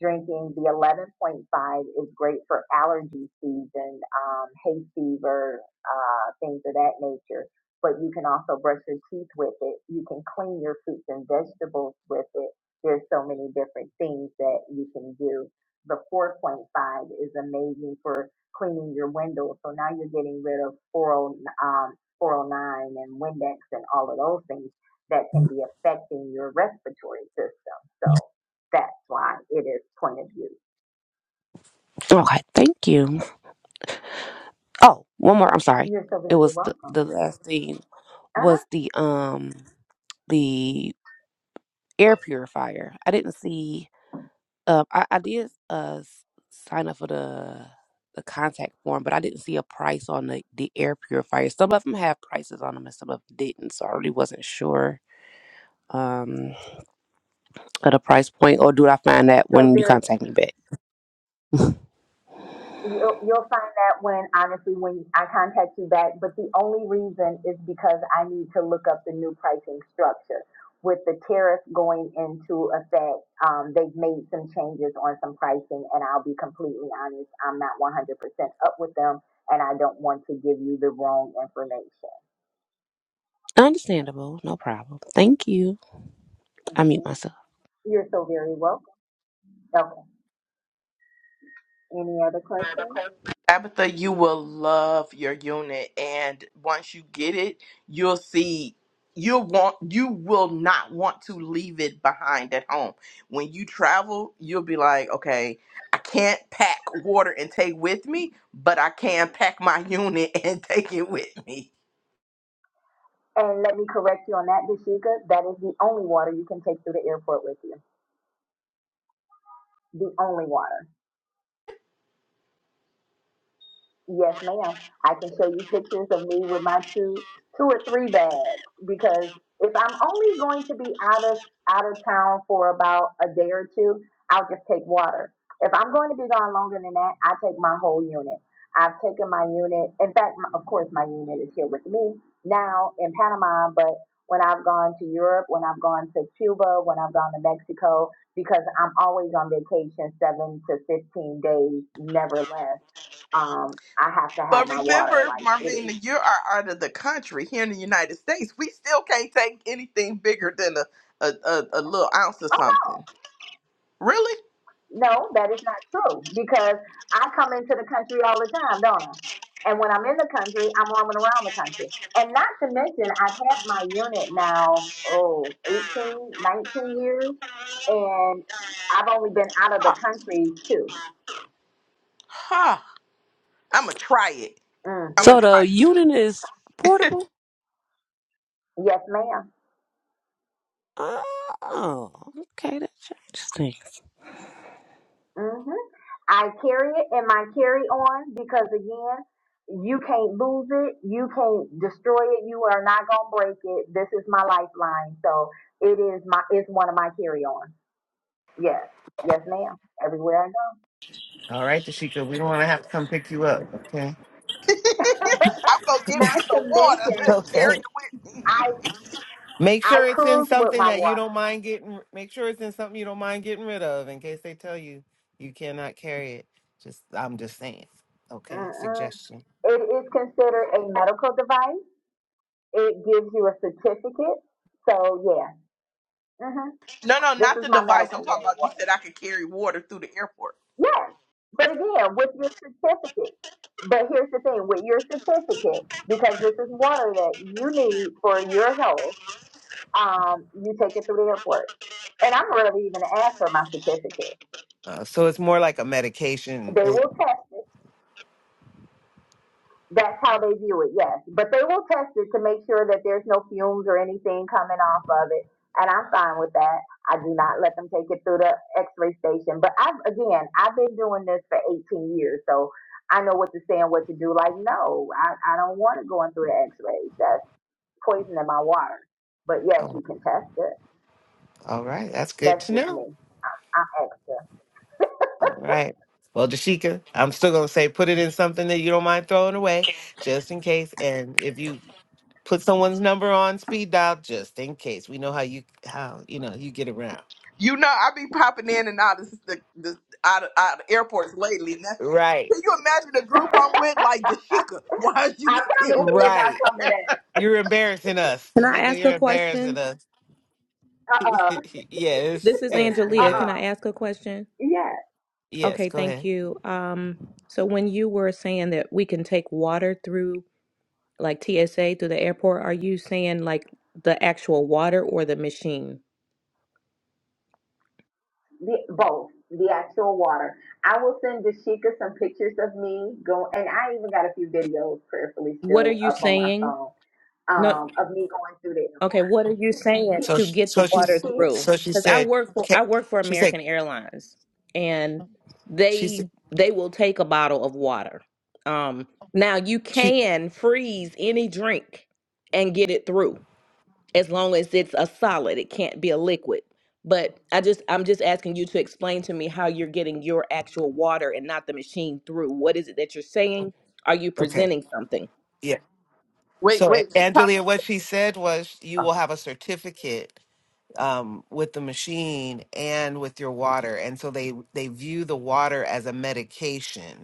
B: Drinking the 11.5 is great for allergy season, um, hay fever, uh, things of that nature. But you can also brush your teeth with it. You can clean your fruits and vegetables with it. There's so many different things that you can do the 4.5 is amazing for cleaning your windows. So now you're getting rid of 40, um, 409 and Windex and all of those things that can be affecting your respiratory system. So that's why it is point of view.
D: okay thank you oh one more i'm sorry
B: You're so
D: it
B: very
D: was the,
B: welcome.
D: the last thing
B: Uh huh.
D: was the um the air purifier i didn't see Um, I, I did uh s- sign up for the the contact form, but I didn't see a price on the the air purifier. Some of them have prices on them, and some of them didn't. So I really wasn't sure um of the price point. Or do I find that
B: So
D: when you
B: there
D: contact me back?
B: You'll, you'll find that when, honestly, when I contact you back, but the only reason is because I need to look up the new pricing structure. With the tariff going into effect, um, they've made some changes on some pricing, and I'll be completely honest, I'm not 100% up with them, and I don't want to give you the wrong information.
D: Understandable, no problem. Thank you. I mute
B: hmm
D: myself.
B: You're so very welcome. Okay, any other questions?
A: Tabitha, you will love your unit, and once you get it, you'll see. You'll want. You will not want to leave it behind at home. When you travel, you'll be like, okay, I can't pack water and take with me, but I can pack my unit and take it with me.
B: And let me correct you on that, Dashika, that is the only water you can take through the airport with you. The only water. Yes, ma'am. I can show you pictures of me with my two two or three bags because if I'm only going to be out of out of town for about a day or two, I'll just take water. If I'm going to be gone longer than that, I take my whole unit. I've taken my unit. In fact, my, of course, my unit is here with me now in Panama, but when I've gone to Europe, when I've gone to Cuba, when I've gone to Mexico, because I'm always on vacation seven to 15 days, never less um, I have to have
A: But
B: my water.
A: remember,
B: Like it is.
A: Marvina, you are out of the country here in the United States. We still can't take anything bigger than a, a, a, a little ounce of
B: Oh
A: something.
B: no,
A: Really?
B: no, that is not true because I come into the country all the time, don't I? And when I'm in the country, I'm roaming around the country. And not to mention, I've had my unit now, oh, 18, 19 years, and I've only been out of the
A: Huh.
B: country too.
A: huh. I'm going to try it.
B: mm
A: I'm going
D: So
A: to
B: hmm
A: try
D: the
A: it.
D: unit is portable?
B: Yes, ma'am.
D: Oh, okay, that changes things.
B: hmm I carry it in my carry on because again, you can't lose it. You can't destroy it. You are not gonna break it. This is my lifeline. So it is my it's one of my carry on. Yes. Yes, ma'am. Everywhere I
C: All right, Tashika, we don't want to have to come pick you up. Okay.
B: go.
A: I'm going to get me
B: not to
A: some water to
B: mention
C: Okay.
A: carry it with
B: I
A: me.
C: Make
B: I
C: sure it's in
B: cruise with
C: something
B: my
C: that you
B: water.
C: don't mind getting. Make sure it's in something you don't mind getting rid of, in case they tell you you cannot carry it. Just, I'm just saying. Okay,
B: Mm-mm.
C: suggestion.
B: It is considered a medical device. It gives you a certificate. So yeah. hmm
A: no, no,
B: This
A: not
B: is
A: the
B: my
A: device. I'm
B: medical
A: talking
B: grade water.
A: about you said I could carry water through the airport.
B: Yes. But again, with your certificate, but here's the thing with your certificate, because this is water that you need for your health, um, you take it through the airport. And I'm rarely even asked for my certificate.
C: Uh, so it's more like a medication.
B: They
C: Right.
B: will test That's how they view it, yes. But they will test it to make sure that there's no fumes or anything coming off of it. And I'm fine with that. I do not let them take it through the x-ray station. But I've, again, I've been doing this for 18 years, so I know what to say and what to do. Like, no, I, I don't want it going through the x-rays. That's poison in my water. But yes,
C: Oh,
B: you can test it.
C: all right, that's good
B: That's
C: to
B: just
C: know.
B: me. I'm extra.
C: All right. Well, Dashika, I'm still gonna say put it in something that you don't mind throwing away, just in case. And if you put someone's number on speed dial, just in case. We know how you how you know you get around.
A: You know, I be popping in and out of the, the out of, out of airports lately. Now,
C: Right.
A: can you imagine the group I'm with, like Dashika? Why are you
B: I promise
A: still
B: it will
A: back?
B: not
C: Right.
B: come to that.
C: You're embarrassing us.
E: Can I
C: Tashika,
E: ask a
C: you're embarrassing
E: question?
C: us.
B: Uh-uh.
E: This
C: yes,
E: is
C: yes, go
E: Angelia. Can
B: Uh-uh.
C: ahead.
E: I ask a question?
B: Yes.
C: Yes,
E: Okay,
C: go
E: thank
C: ahead.
E: you. Um, so when you were saying that we can take water through like TSA through the airport, are you saying like the actual water or the machine?
B: The, both the actual water. I will send Dashika some pictures of me going, and I even got a few videos prayerfully
E: What are
B: still
E: you
B: up on my
E: saying?
B: phone
E: No.
B: um, of me going through the
E: Okay,
B: airport.
E: what are you saying
C: So,
E: to
B: Peace,
C: sh-
E: get the
C: so she,
E: water
B: peace.
E: through?
C: so she
E: Because I
C: said,
E: work for
C: ca-
E: I work for
C: she said,
E: American Airlines, and
C: she said,
E: they they will take a bottle of water. Um, now you
C: she,
E: can freeze any drink and get it through as long as it's a solid. It can't be a liquid. But I just I'm just asking you to explain to me how you're getting your actual water and not the machine through. What is it that you're saying? Are you
C: okay,
E: presenting something?
C: yeah.
A: Wait,
C: So, A-
A: wait, she popped
C: Angelia, what she said was, you will have a certificate um, with the machine and with your water, and so they they view the water as a medication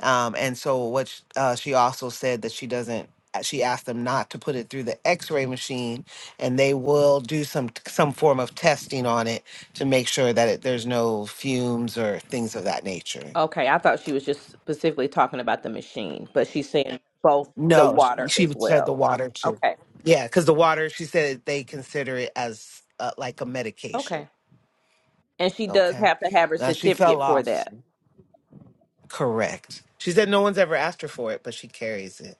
C: Um, and so what sh- uh, she also said that she doesn't. uh, She asked them not to put it through the X-ray machine, and they will do some some form of testing on it to make sure that it, there's no fumes or things of that nature.
E: Okay, I thought she was just specifically talking about the machine, but she's saying both the
C: No, s-
E: water
C: she
E: as
C: said the
E: well.
C: water too.
E: Okay,
C: Yeah, because the water, she said they consider it as uh, like a medication.
E: okay. And she does
C: Okay,
E: have to have her
C: now she fell
E: certificate for
C: off.
E: that.
C: Correct. She said no one's ever asked her for it, but she carries it.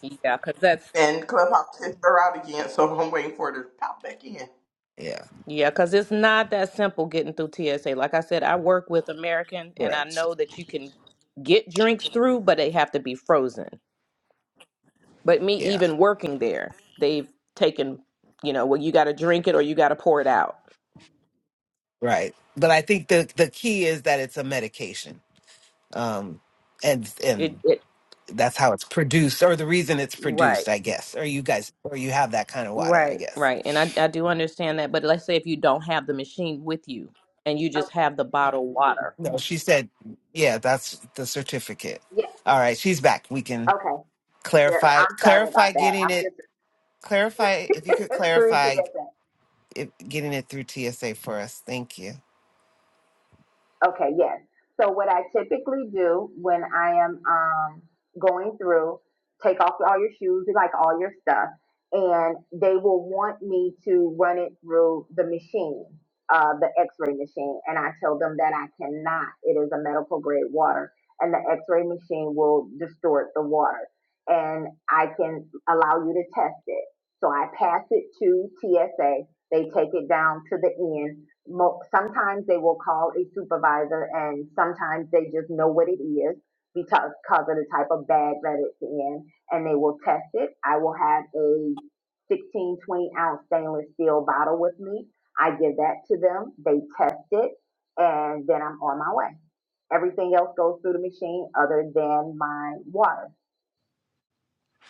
E: Yeah, because that's,
A: and Clubhouse kicked her out again, so I'm waiting for her to pop back in. It,
C: Yeah.
E: yeah, because it's not that simple getting through TSA. Like I said, I work with American and I
C: Correct.
E: know that you can get drinks through, but they have to be frozen. But me even working there, they've taken, you know, well, you got to drink it or you got to pour it out.
C: Right. But I think the the key is that it's a medication. Um and
E: It,
C: and
E: it,
C: that's how it's produced or the reason it's
E: right.
C: produced, I guess. Or you guys or you have that kind of water, I
E: Right,
C: guess.
E: right. And I, I do understand that, but let's say if you don't have the machine with you and you
B: Okay.
E: just have the bottled water.
C: No, she said, yeah, that's the certificate.
B: Yeah.
C: All right, she's back. We can
B: Okay. There-
C: clarify
B: I'm sorry about
C: clarify
B: that. I'm
C: getting it clarify if you could
B: just through
C: clarify
B: TSA.
C: it, getting it through TSA for us. Thank you.
B: Okay, yes. So what I typically do when I am um, going through, take off all your shoes, like all your stuff, and they will want me to run it through the machine, uh, the X-ray machine, and I tell them that I cannot. It is a medical grade water, and the X-ray machine will distort the water, and I can allow you to test it. So I pass it to TSA. They take it down to the end Sometimes they will call a supervisor and sometimes they just know what it is because of the type of bag that it's in and they will test it. I will have a 16, 20 ounce stainless steel bottle with me. I give that to them. They test it and then I'm on my way. Everything else goes through the machine other than my water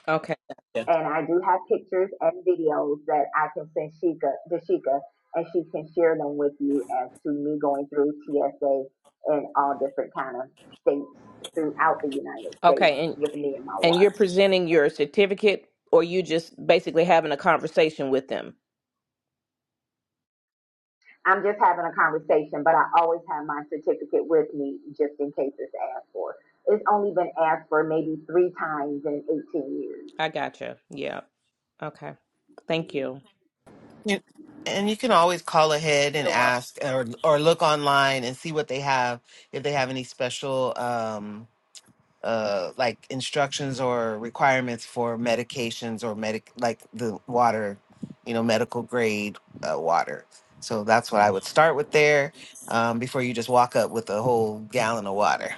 E: Okay.
B: and I do have pictures and videos that I can send Sheikah to Sheikah, and she can share them with you as to me going through TSA in all different kind of states throughout the United States
E: Okay, and
B: with me and my
E: and you're
B: water.
E: presenting your certificate or you just basically having a conversation with them.
B: I'm just having a conversation, but I always have my certificate with me just in case it's asked for. It's only been asked for maybe three times in 18 years.
E: I gotcha. Yeah. Okay. Thank you.
C: You, and you can always call ahead and
B: You're welcome.
C: ask or or look online and see what they have if they have any special um uh like instructions or requirements for medications or medic like the water, you know, medical grade uh, water. So that's what I would start with there um, before you just walk up with a whole gallon of water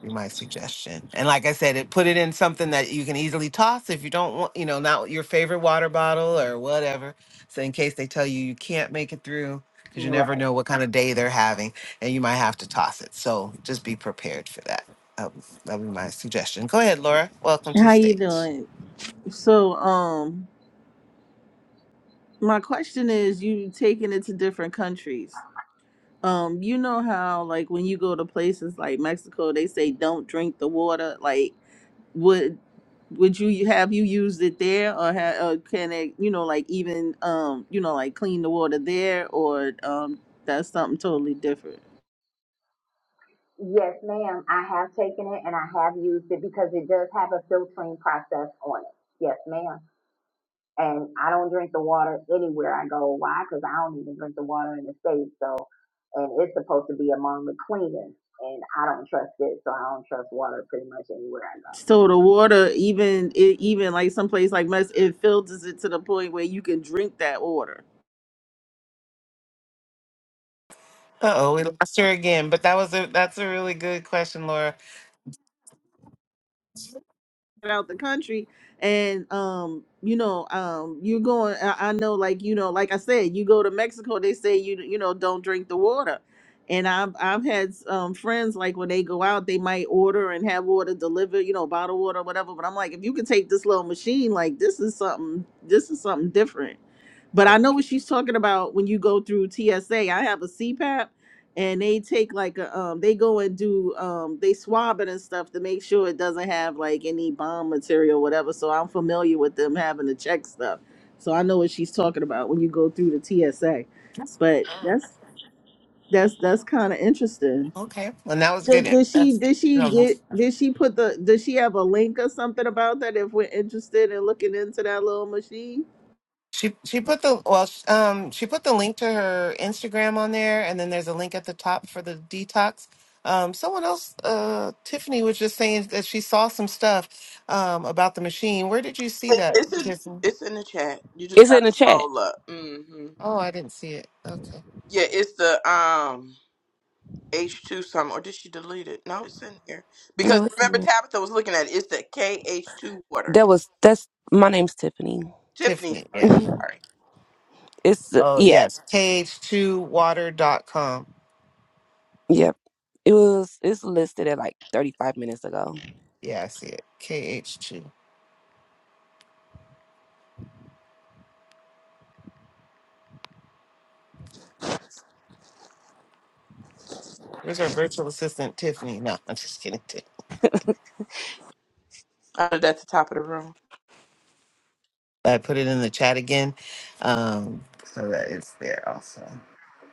C: be my suggestion. And like I said, it put it in something that you can easily toss if you don't want, you know, not your favorite water bottle or whatever. So in case they tell you you can't make it through, because you
B: Right.
C: never know what kind of day they're having, and you might have to toss it. So just be prepared for that. That would that would be my suggestion. Go ahead, Laura. Welcome to the
F: How you
C: stage.
F: doing? So, um, my question is, you taking it to different countries. Um, you know how like when you go to places like Mexico, they say don't drink the water. Like, would would you have you used it there, or, ha- or can it, you know, like even um, you know, like clean the water there, or um, that's something totally different.
B: Yes, ma'am. I have taken it and I have used it because it does have a filtering process on it. Yes, ma'am. And I don't drink the water anywhere I go. Why? Because I don't even drink the water in the States. So, and it's supposed to be among the cleanest. And I don't trust it. So I don't trust water pretty much anywhere I
F: So the water, even it, even like someplace like Mex, it filters it to the point where you can drink that water.
C: Uh oh, we lost her again. But that was a that's a really good question, Laura.
F: out the country and um you know um you going I, I know like you know like i said you go to mexico they say you you know don't drink the water and i've i've had um friends like when they go out they might order and have water delivered you know bottled water whatever but i'm like if you could take this little machine like this is something this is something different but
C: So-
F: i know what she's talking about when you go through tsa i have a cpap and they take like a um they go and do um they swab it and stuff to make sure it doesn't have like any bomb material whatever so i'm familiar with them having to check stuff so i know what she's talking about when you go through the tsa
C: Yes.
F: but that's that's that's kind of interesting
C: Okay, and that was
F: did,
C: good.
F: did she
C: That's
F: did she get did she put the did she have a link or something about that if we're interested in looking into that little machine
C: She she put the well sh- um she put the link to her Instagram on there, and then there's a link at the top for the detox. Um, someone else, uh, Tiffany was just saying that she saw some stuff um about the machine. Where did you see that,
A: it's in
C: Tiffany?
A: it's in the chat. You just
D: It's in
A: gotta
D: the chat.
A: scroll up. hmm
C: Oh, I didn't see it. Okay,
A: Yeah, it's the um H two something, or did she delete it? No, it's in here because
D: No, it's in
A: remember
D: there.
A: Tabitha was looking at it. It's the KH two water.
D: That was that's my name's Tiffany.
A: Tiffany,
C: Tiffany.
A: sorry,
C: Yeah.
D: Mhm.
A: sorry.
D: it's uh,
C: Oh
D: yeah,
C: yes, kh 2 water dot com.
D: yep. It was it's listed at like thirty five minutes ago.
C: Yeah, I see it. Kh2. Where's our virtual assistant, Tiffany? No, I'm just kidding. Tiff-
A: Uh, that's the top of the room.
C: I put it in the chat again, um, so that it's there also.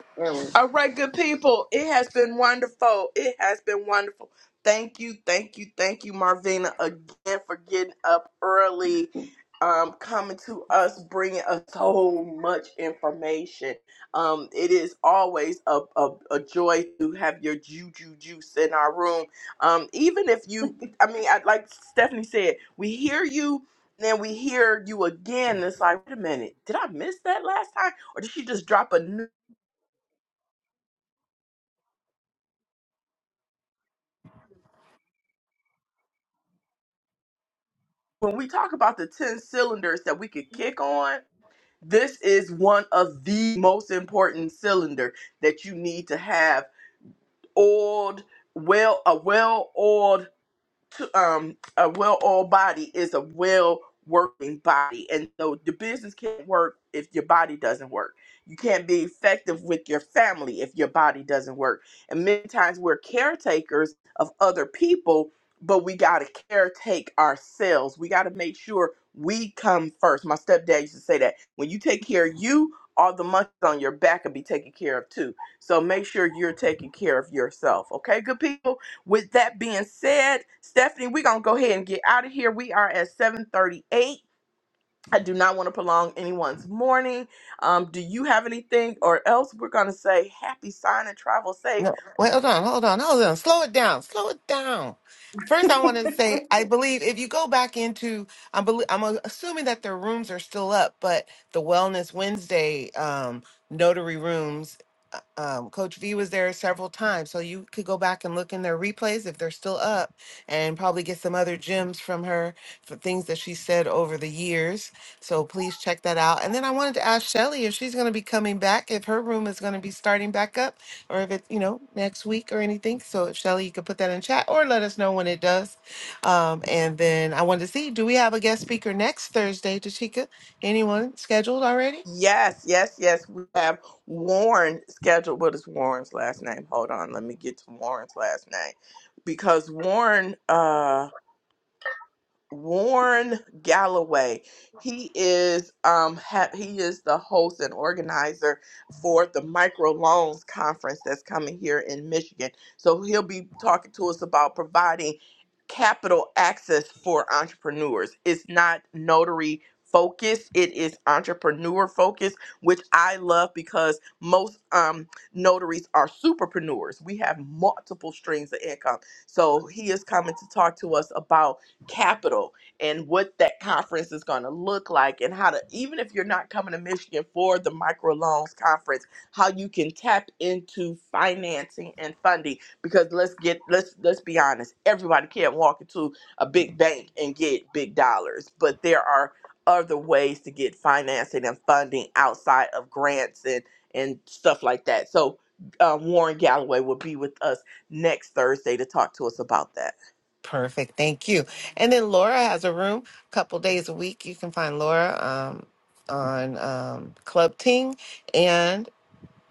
B: go.
A: All right, good people. It has been wonderful. It has been wonderful. Thank you, thank you, thank you, Marvina, again for getting up early, um, coming to us, bringing us so much information. Um, it is always a, a, a joy to have your juju juice in our room. Um, even if you, I mean, I, like Stephanie said, we hear you, then we hear you again. It's like, wait a minute, did I miss that last time? Or did she just drop a new? when we talk about the 10 cylinders that we could kick on, this is one of the most important cylinder that you need to have oiled well a well-oiled um, a well-oiled body is a well-working body, and so the business can't work if your body doesn't work. You can't be effective with your family if your body doesn't work. And many times we're caretakers of other people, but we gotta caretake ourselves. We gotta make sure we come first. My stepdad used to say that when you take care of you, all the monkeys on your back will be taken care of too. So make sure you're taking care of yourself. Okay, good people. With that being said, Stephanie, we're gonna go ahead and get out of here. We are at 738. I do not want to prolong anyone's morning. Um, do you have anything or else we're gonna say happy sign and travel safe?
C: No, wait, hold on, hold on, hold on. Slow it down, slow it down. First, I want to say I believe if you go back into, I believe I'm assuming that their rooms are still up, but the Wellness Wednesday um, notary rooms, uh, um, Coach V was there several times, so you could go back and look in their replays if they're still up, and probably get some other gems from her for things that she said over the years. So please check that out. And then I wanted to ask Shelly if she's going to be coming back, if her room is going to be starting back up or if it's you know next week or anything. So if Shelly, you could put that in chat or let us know when it does. Um, and then I wanted to see, do we have a guest speaker next Thursday, Tashika? Anyone scheduled already?
A: Yes, yes, yes. We have Warren scheduled. What is Warren's last name? Hold on, let me get to Warren's last name. Because Warren uh Warren Galloway. He is um ha- he is the host and organizer for the microloans conference that's coming here in Michigan. So he'll be talking to us about providing capital access for entrepreneurs. It's not notary focused, it is entrepreneur focused, which I love because most um notaries are superpreneurs. We have multiple streams of income. So he is coming to talk to us about capital and what that conference is going to look like and how to even if you're not coming to michigan for the microloans conference how you can tap into financing and funding because let's get let's let's be honest everybody can't walk into a big bank and get big dollars but there are other ways to get financing and funding outside of grants and and stuff like that so uh, warren galloway will be with us next thursday to talk to us about that
C: Perfect, thank you. And then Laura has a room a couple days a week. You can find Laura um, on um, Club Ting, and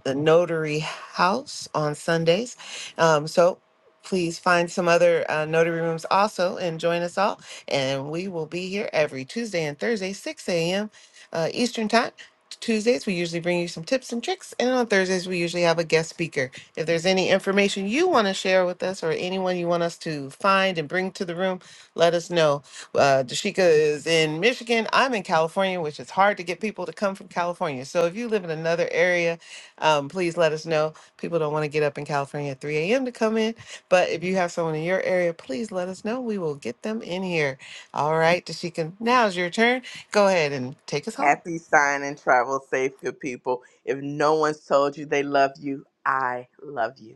C: the Notary House on Sundays. Um, so please find some other uh, notary rooms also and join us all. And we will be here every Tuesday and Thursday, 6 a.m. Uh, Eastern Time. Tuesdays, we usually bring you some tips and tricks. And on Thursdays, we usually have a guest speaker. If there's any information you want to share with us or anyone you want us to find and bring to the room, let us know. Uh, Dashika is in Michigan. I'm in California, which is hard to get people to come from California. So if you live in another area, um, please let us know. People don't want to get up in California at 3 a.m. to come in, but if you have someone in your area, please let us know. We will get them in here. All right, Tashika, now's your turn. Go ahead and take us home.
A: Happy sign and travel safe, good people. If no one's told you they love you, I love you.